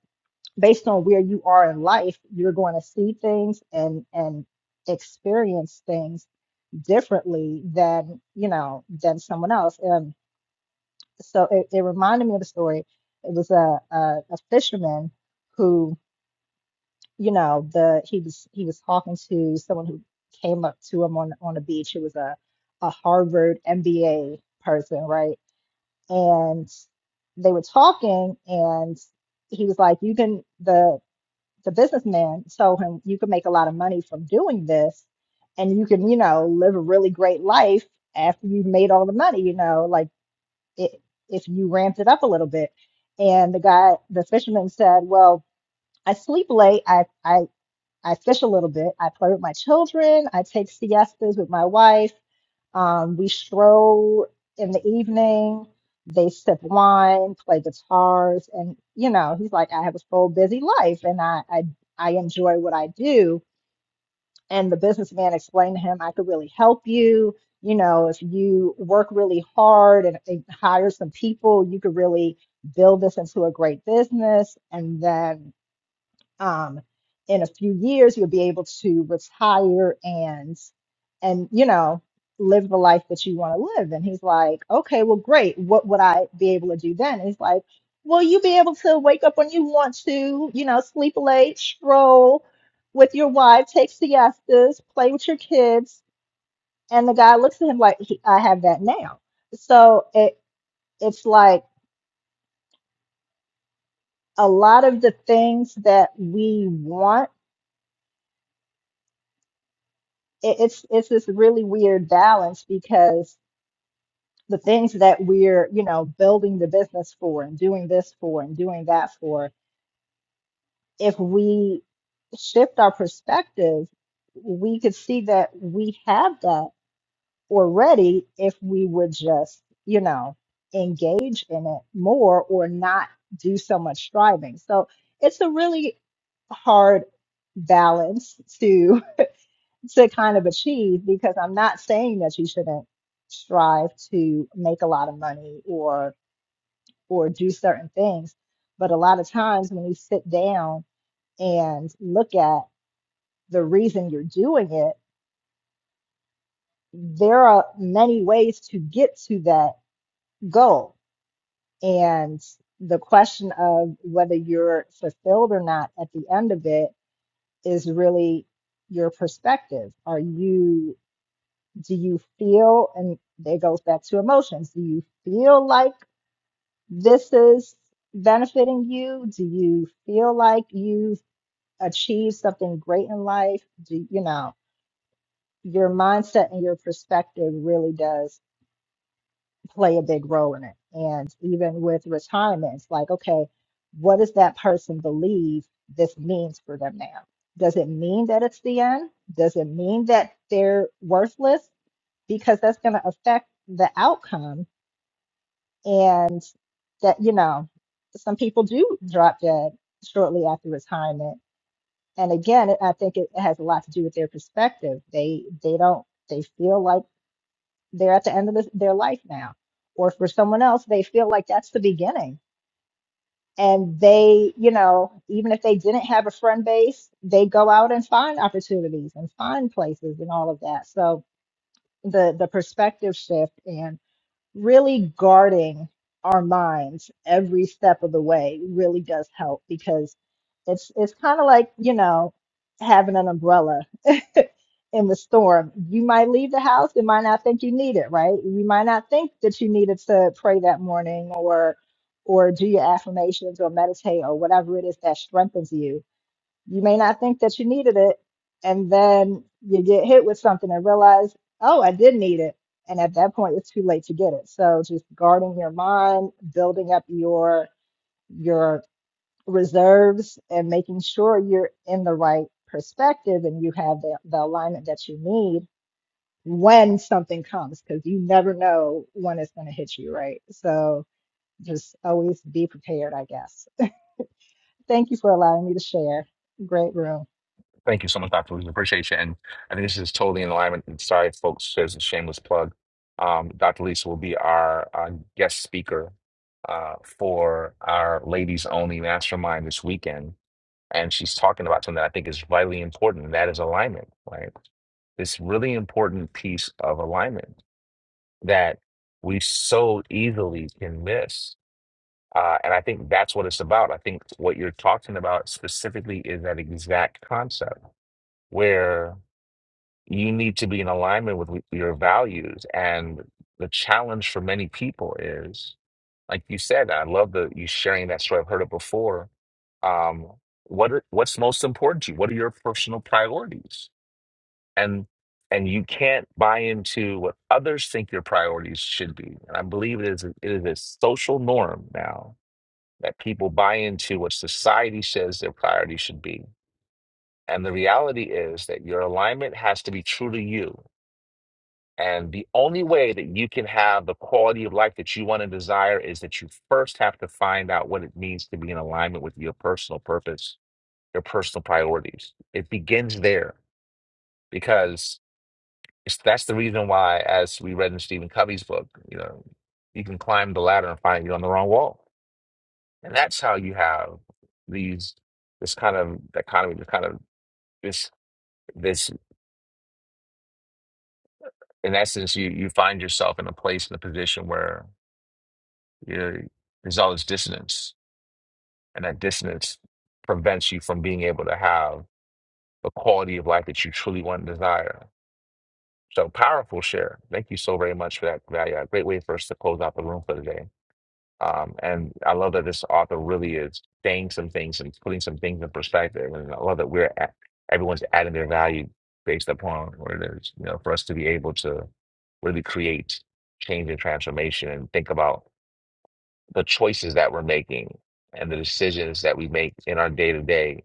Speaker 8: based on where you are in life, you're going to see things and and experience things differently than you know than someone else. And so it, it reminded me of a story. It was a, a a fisherman who you know the he was he was talking to someone who came up to him on on the beach. It was a a Harvard MBA person, right? And they were talking and he was like, you can the the businessman told him you can make a lot of money from doing this and you can you know live a really great life after you've made all the money you know like it, if you ramped it up a little bit and the guy the fisherman said well i sleep late i i i fish a little bit i play with my children i take siestas with my wife um, we stroll in the evening. They sip wine, play guitars, and you know, he's like, I have a full busy life, and I I, I enjoy what I do. And the businessman explained to him, I could really help you. You know, if you work really hard and, and hire some people, you could really build this into a great business. And then um, in a few years you'll be able to retire and and you know live the life that you want to live and he's like okay well great what would i be able to do then and he's like well you be able to wake up when you want to you know sleep late stroll with your wife take siestas play with your kids and the guy looks at him like "He- i have that now so it it's like a lot of the things that we want it, it's it's this really weird balance because the things that we're you know building the business for and doing this for and doing that for if we shift our perspective we could see that we have that already if we would just you know engage in it more or not do so much striving so it's a really hard balance to. *laughs* to kind of achieve because I'm not saying that you shouldn't strive to make a lot of money or or do certain things, but a lot of times when you sit down and look at the reason you're doing it, there are many ways to get to that goal. And the question of whether you're fulfilled or not at the end of it is really your perspective. Are you do you feel and it goes back to emotions do you feel like this is benefiting you do you feel like you've achieved something great in life do you know your mindset and your perspective really does play a big role in it and even with retirement it's like okay what does that person believe this means for them now does it mean that it's the end does it mean that they're worthless because that's going to affect the outcome and that you know some people do drop dead shortly after retirement and again it- i think it it has a lot to do with their perspective they they don't they feel like they're at the end of this, their life now or for someone else they feel like that's the beginning and they you know even if they didn't have a friend base they go out and find opportunities and find places and all of that so the the perspective shift and really guarding our minds every step of the way really does help because it's it's kind of like you know having an umbrella *laughs* in the storm you might leave the house and might not think you need it right you might not think that you needed to pray that morning or or do your affirmations or meditate or whatever it is that strengthens you you may not think that you needed it, and then you get hit with something and realize, oh, I did need it. And at that point, it's too late to get it. So just guarding your mind, building up your your reserves, and making sure you're in the right perspective and you have the, the alignment that you need when something comes, because you never know when it's going to hit you, right? So just always be prepared, I guess. Thank you for allowing me to share. Great room.
Speaker 1: Thank you so much, Dr. Lisa. Appreciate you. And I think this is totally in alignment. And sorry, folks, there's a shameless plug. Um, Dr. Lisa will be our uh, guest speaker uh, for our ladies only mastermind this weekend. And she's talking about something that I think is vitally important, and that is alignment, right? This really important piece of alignment that we so easily can miss Uh, and I think that's what it's about. I think what you're talking about specifically is that exact concept where you need to be in alignment with your values. And the challenge for many people is, like you said, I love the you sharing that story. I've heard it before. Um, what are- what's most important to you? What are your personal priorities? And and you can't buy into what others think your priorities should be. And I believe it is it is a social norm now that people buy into what society says their priority should be. And the reality is that your alignment has to be true to you. And the only way that you can have the quality of life that you want and desire is that you first have to find out what it means to be in alignment with your personal purpose, your personal priorities. It begins there because it's, that's the reason why, as we read in Stephen Covey's book, you know, you can climb the ladder and find you're on the wrong wall And that's how you have these this kind of dichotomy, this kind of this this in essence you you find yourself in a place in a position where you're, there's all this dissonance, and that dissonance prevents you from being able to have the quality of life that you truly want and desire. So powerful share. Thank you so very much for that value. A great way for us to close out the room for today. Um, and I love that this author really is saying some things and putting some things in perspective. And I love that we're at, everyone's adding their value based upon what it is, you know, for us to be able to really create change and transformation and think about the choices that we're making and the decisions that we make in our day to day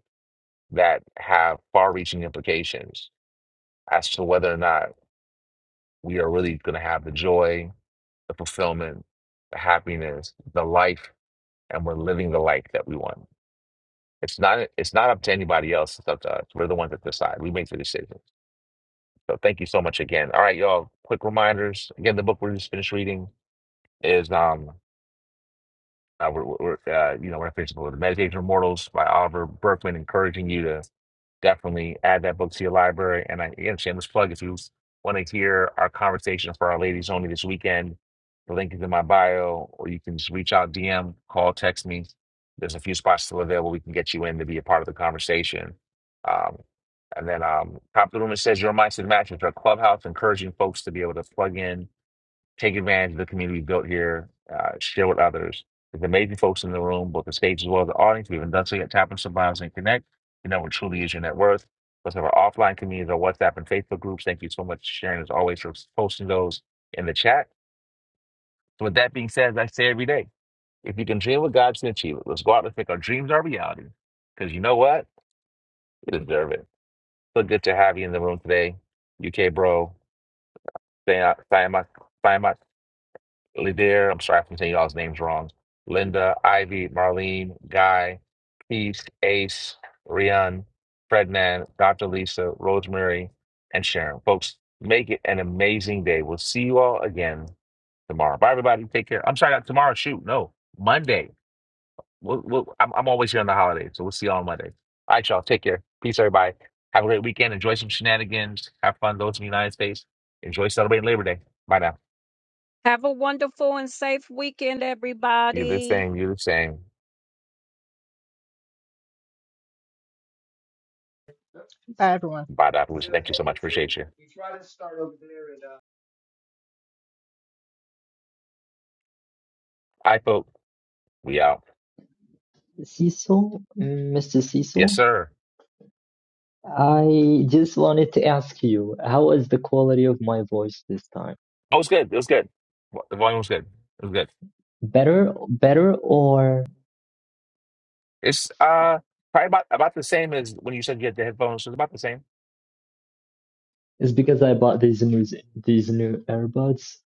Speaker 1: that have far reaching implications as to whether or not we are really going to have the joy, the fulfillment, the happiness, the life, and we're living the life that we want It's not it's not up to anybody else. It's up to us. We're the ones that decide. We make the decisions. So thank you so much again. All right, y'all. Quick reminders. Again, the book we just finished reading is um uh, we're, we're uh, you know, we're fixing the Meditation of Mortals by Oliver Berkman, encouraging you to definitely add that book to your library. And I again, shameless plug if you want to hear our conversation for our ladies only this weekend, the link is in my bio, or you can just reach out, DM, call, text me. There's a few spots still available. We can get you in to be a part of the conversation. Um, and then um, top of the room, it says your mindset matches our clubhouse, encouraging folks to be able to plug in Take advantage of the community we built here. Uh, share with others. There's amazing folks in the room, both the stage as well as the audience. We haven't done so yet. Tap on survivors and connect. You know what truly is your net worth. Let's have our offline communities, our WhatsApp and Facebook groups. Thank you so much, Sharon, as always, for posting those in the chat. So with that being said, as I say every day, if you can dream what God can achieve it, let's go out and make our dreams our reality. Because you know what? You deserve it. So good to have you in the room today. UK bro, Sayama Lily I'm sorry if I'm saying y'all's names wrong. Linda, Ivy, Marlene, Guy, Peace, Ace, Rian, Frednan, Dr. Lisa, Rosemary, and Sharon. Folks, make it an amazing day. We'll see you all again tomorrow. Bye, everybody. Take care. I'm sorry, not tomorrow. Shoot, no, Monday. We'll, we'll, I'm, I'm always here on the holidays, so we'll see you all on Monday. All right, y'all. Take care. Peace, everybody. Have a great weekend. Enjoy some shenanigans. Have fun. Those in the United States. Enjoy celebrating Labor Day. Bye now.
Speaker 5: Have a wonderful and safe weekend,
Speaker 1: You're the
Speaker 5: everybody.
Speaker 1: same. You're the same.
Speaker 8: Bye, everyone.
Speaker 1: Bye, Dr. Lucy. Thank you so much. Appreciate you. All right, folks. We out.
Speaker 11: cecil Mm, mr cecil
Speaker 1: Yes, sir.
Speaker 11: I just wanted to ask you, how is the quality of my voice this time?
Speaker 1: Oh, it was good. It was good. Vo- The volume was good. It was good.
Speaker 11: Better, better, or
Speaker 1: It's uh probably about about the same as when you said you had the headphones. It's about the same.
Speaker 11: is because I bought these new these new earbuds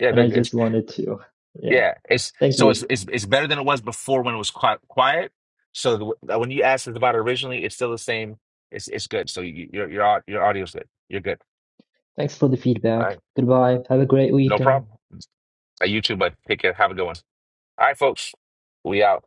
Speaker 1: Yeah,
Speaker 11: and
Speaker 1: they're
Speaker 11: I
Speaker 1: good. It's,
Speaker 11: just wanted to, yeah.
Speaker 1: yeah. It's
Speaker 11: Thank
Speaker 1: so it's
Speaker 11: you.
Speaker 1: it's it's better than it was before when it was qui- quiet. So the, uh, when you asked us about it originally, it's still the same. It's it's good. So you, your your au- your audio's good. You're good.
Speaker 11: Thanks for the
Speaker 1: All
Speaker 11: feedback.
Speaker 1: right.
Speaker 11: Goodbye. Have a great
Speaker 1: No
Speaker 11: weekend.
Speaker 1: problem. Uh, You too, bud. Take care. Have a good one. All right, folks. We out.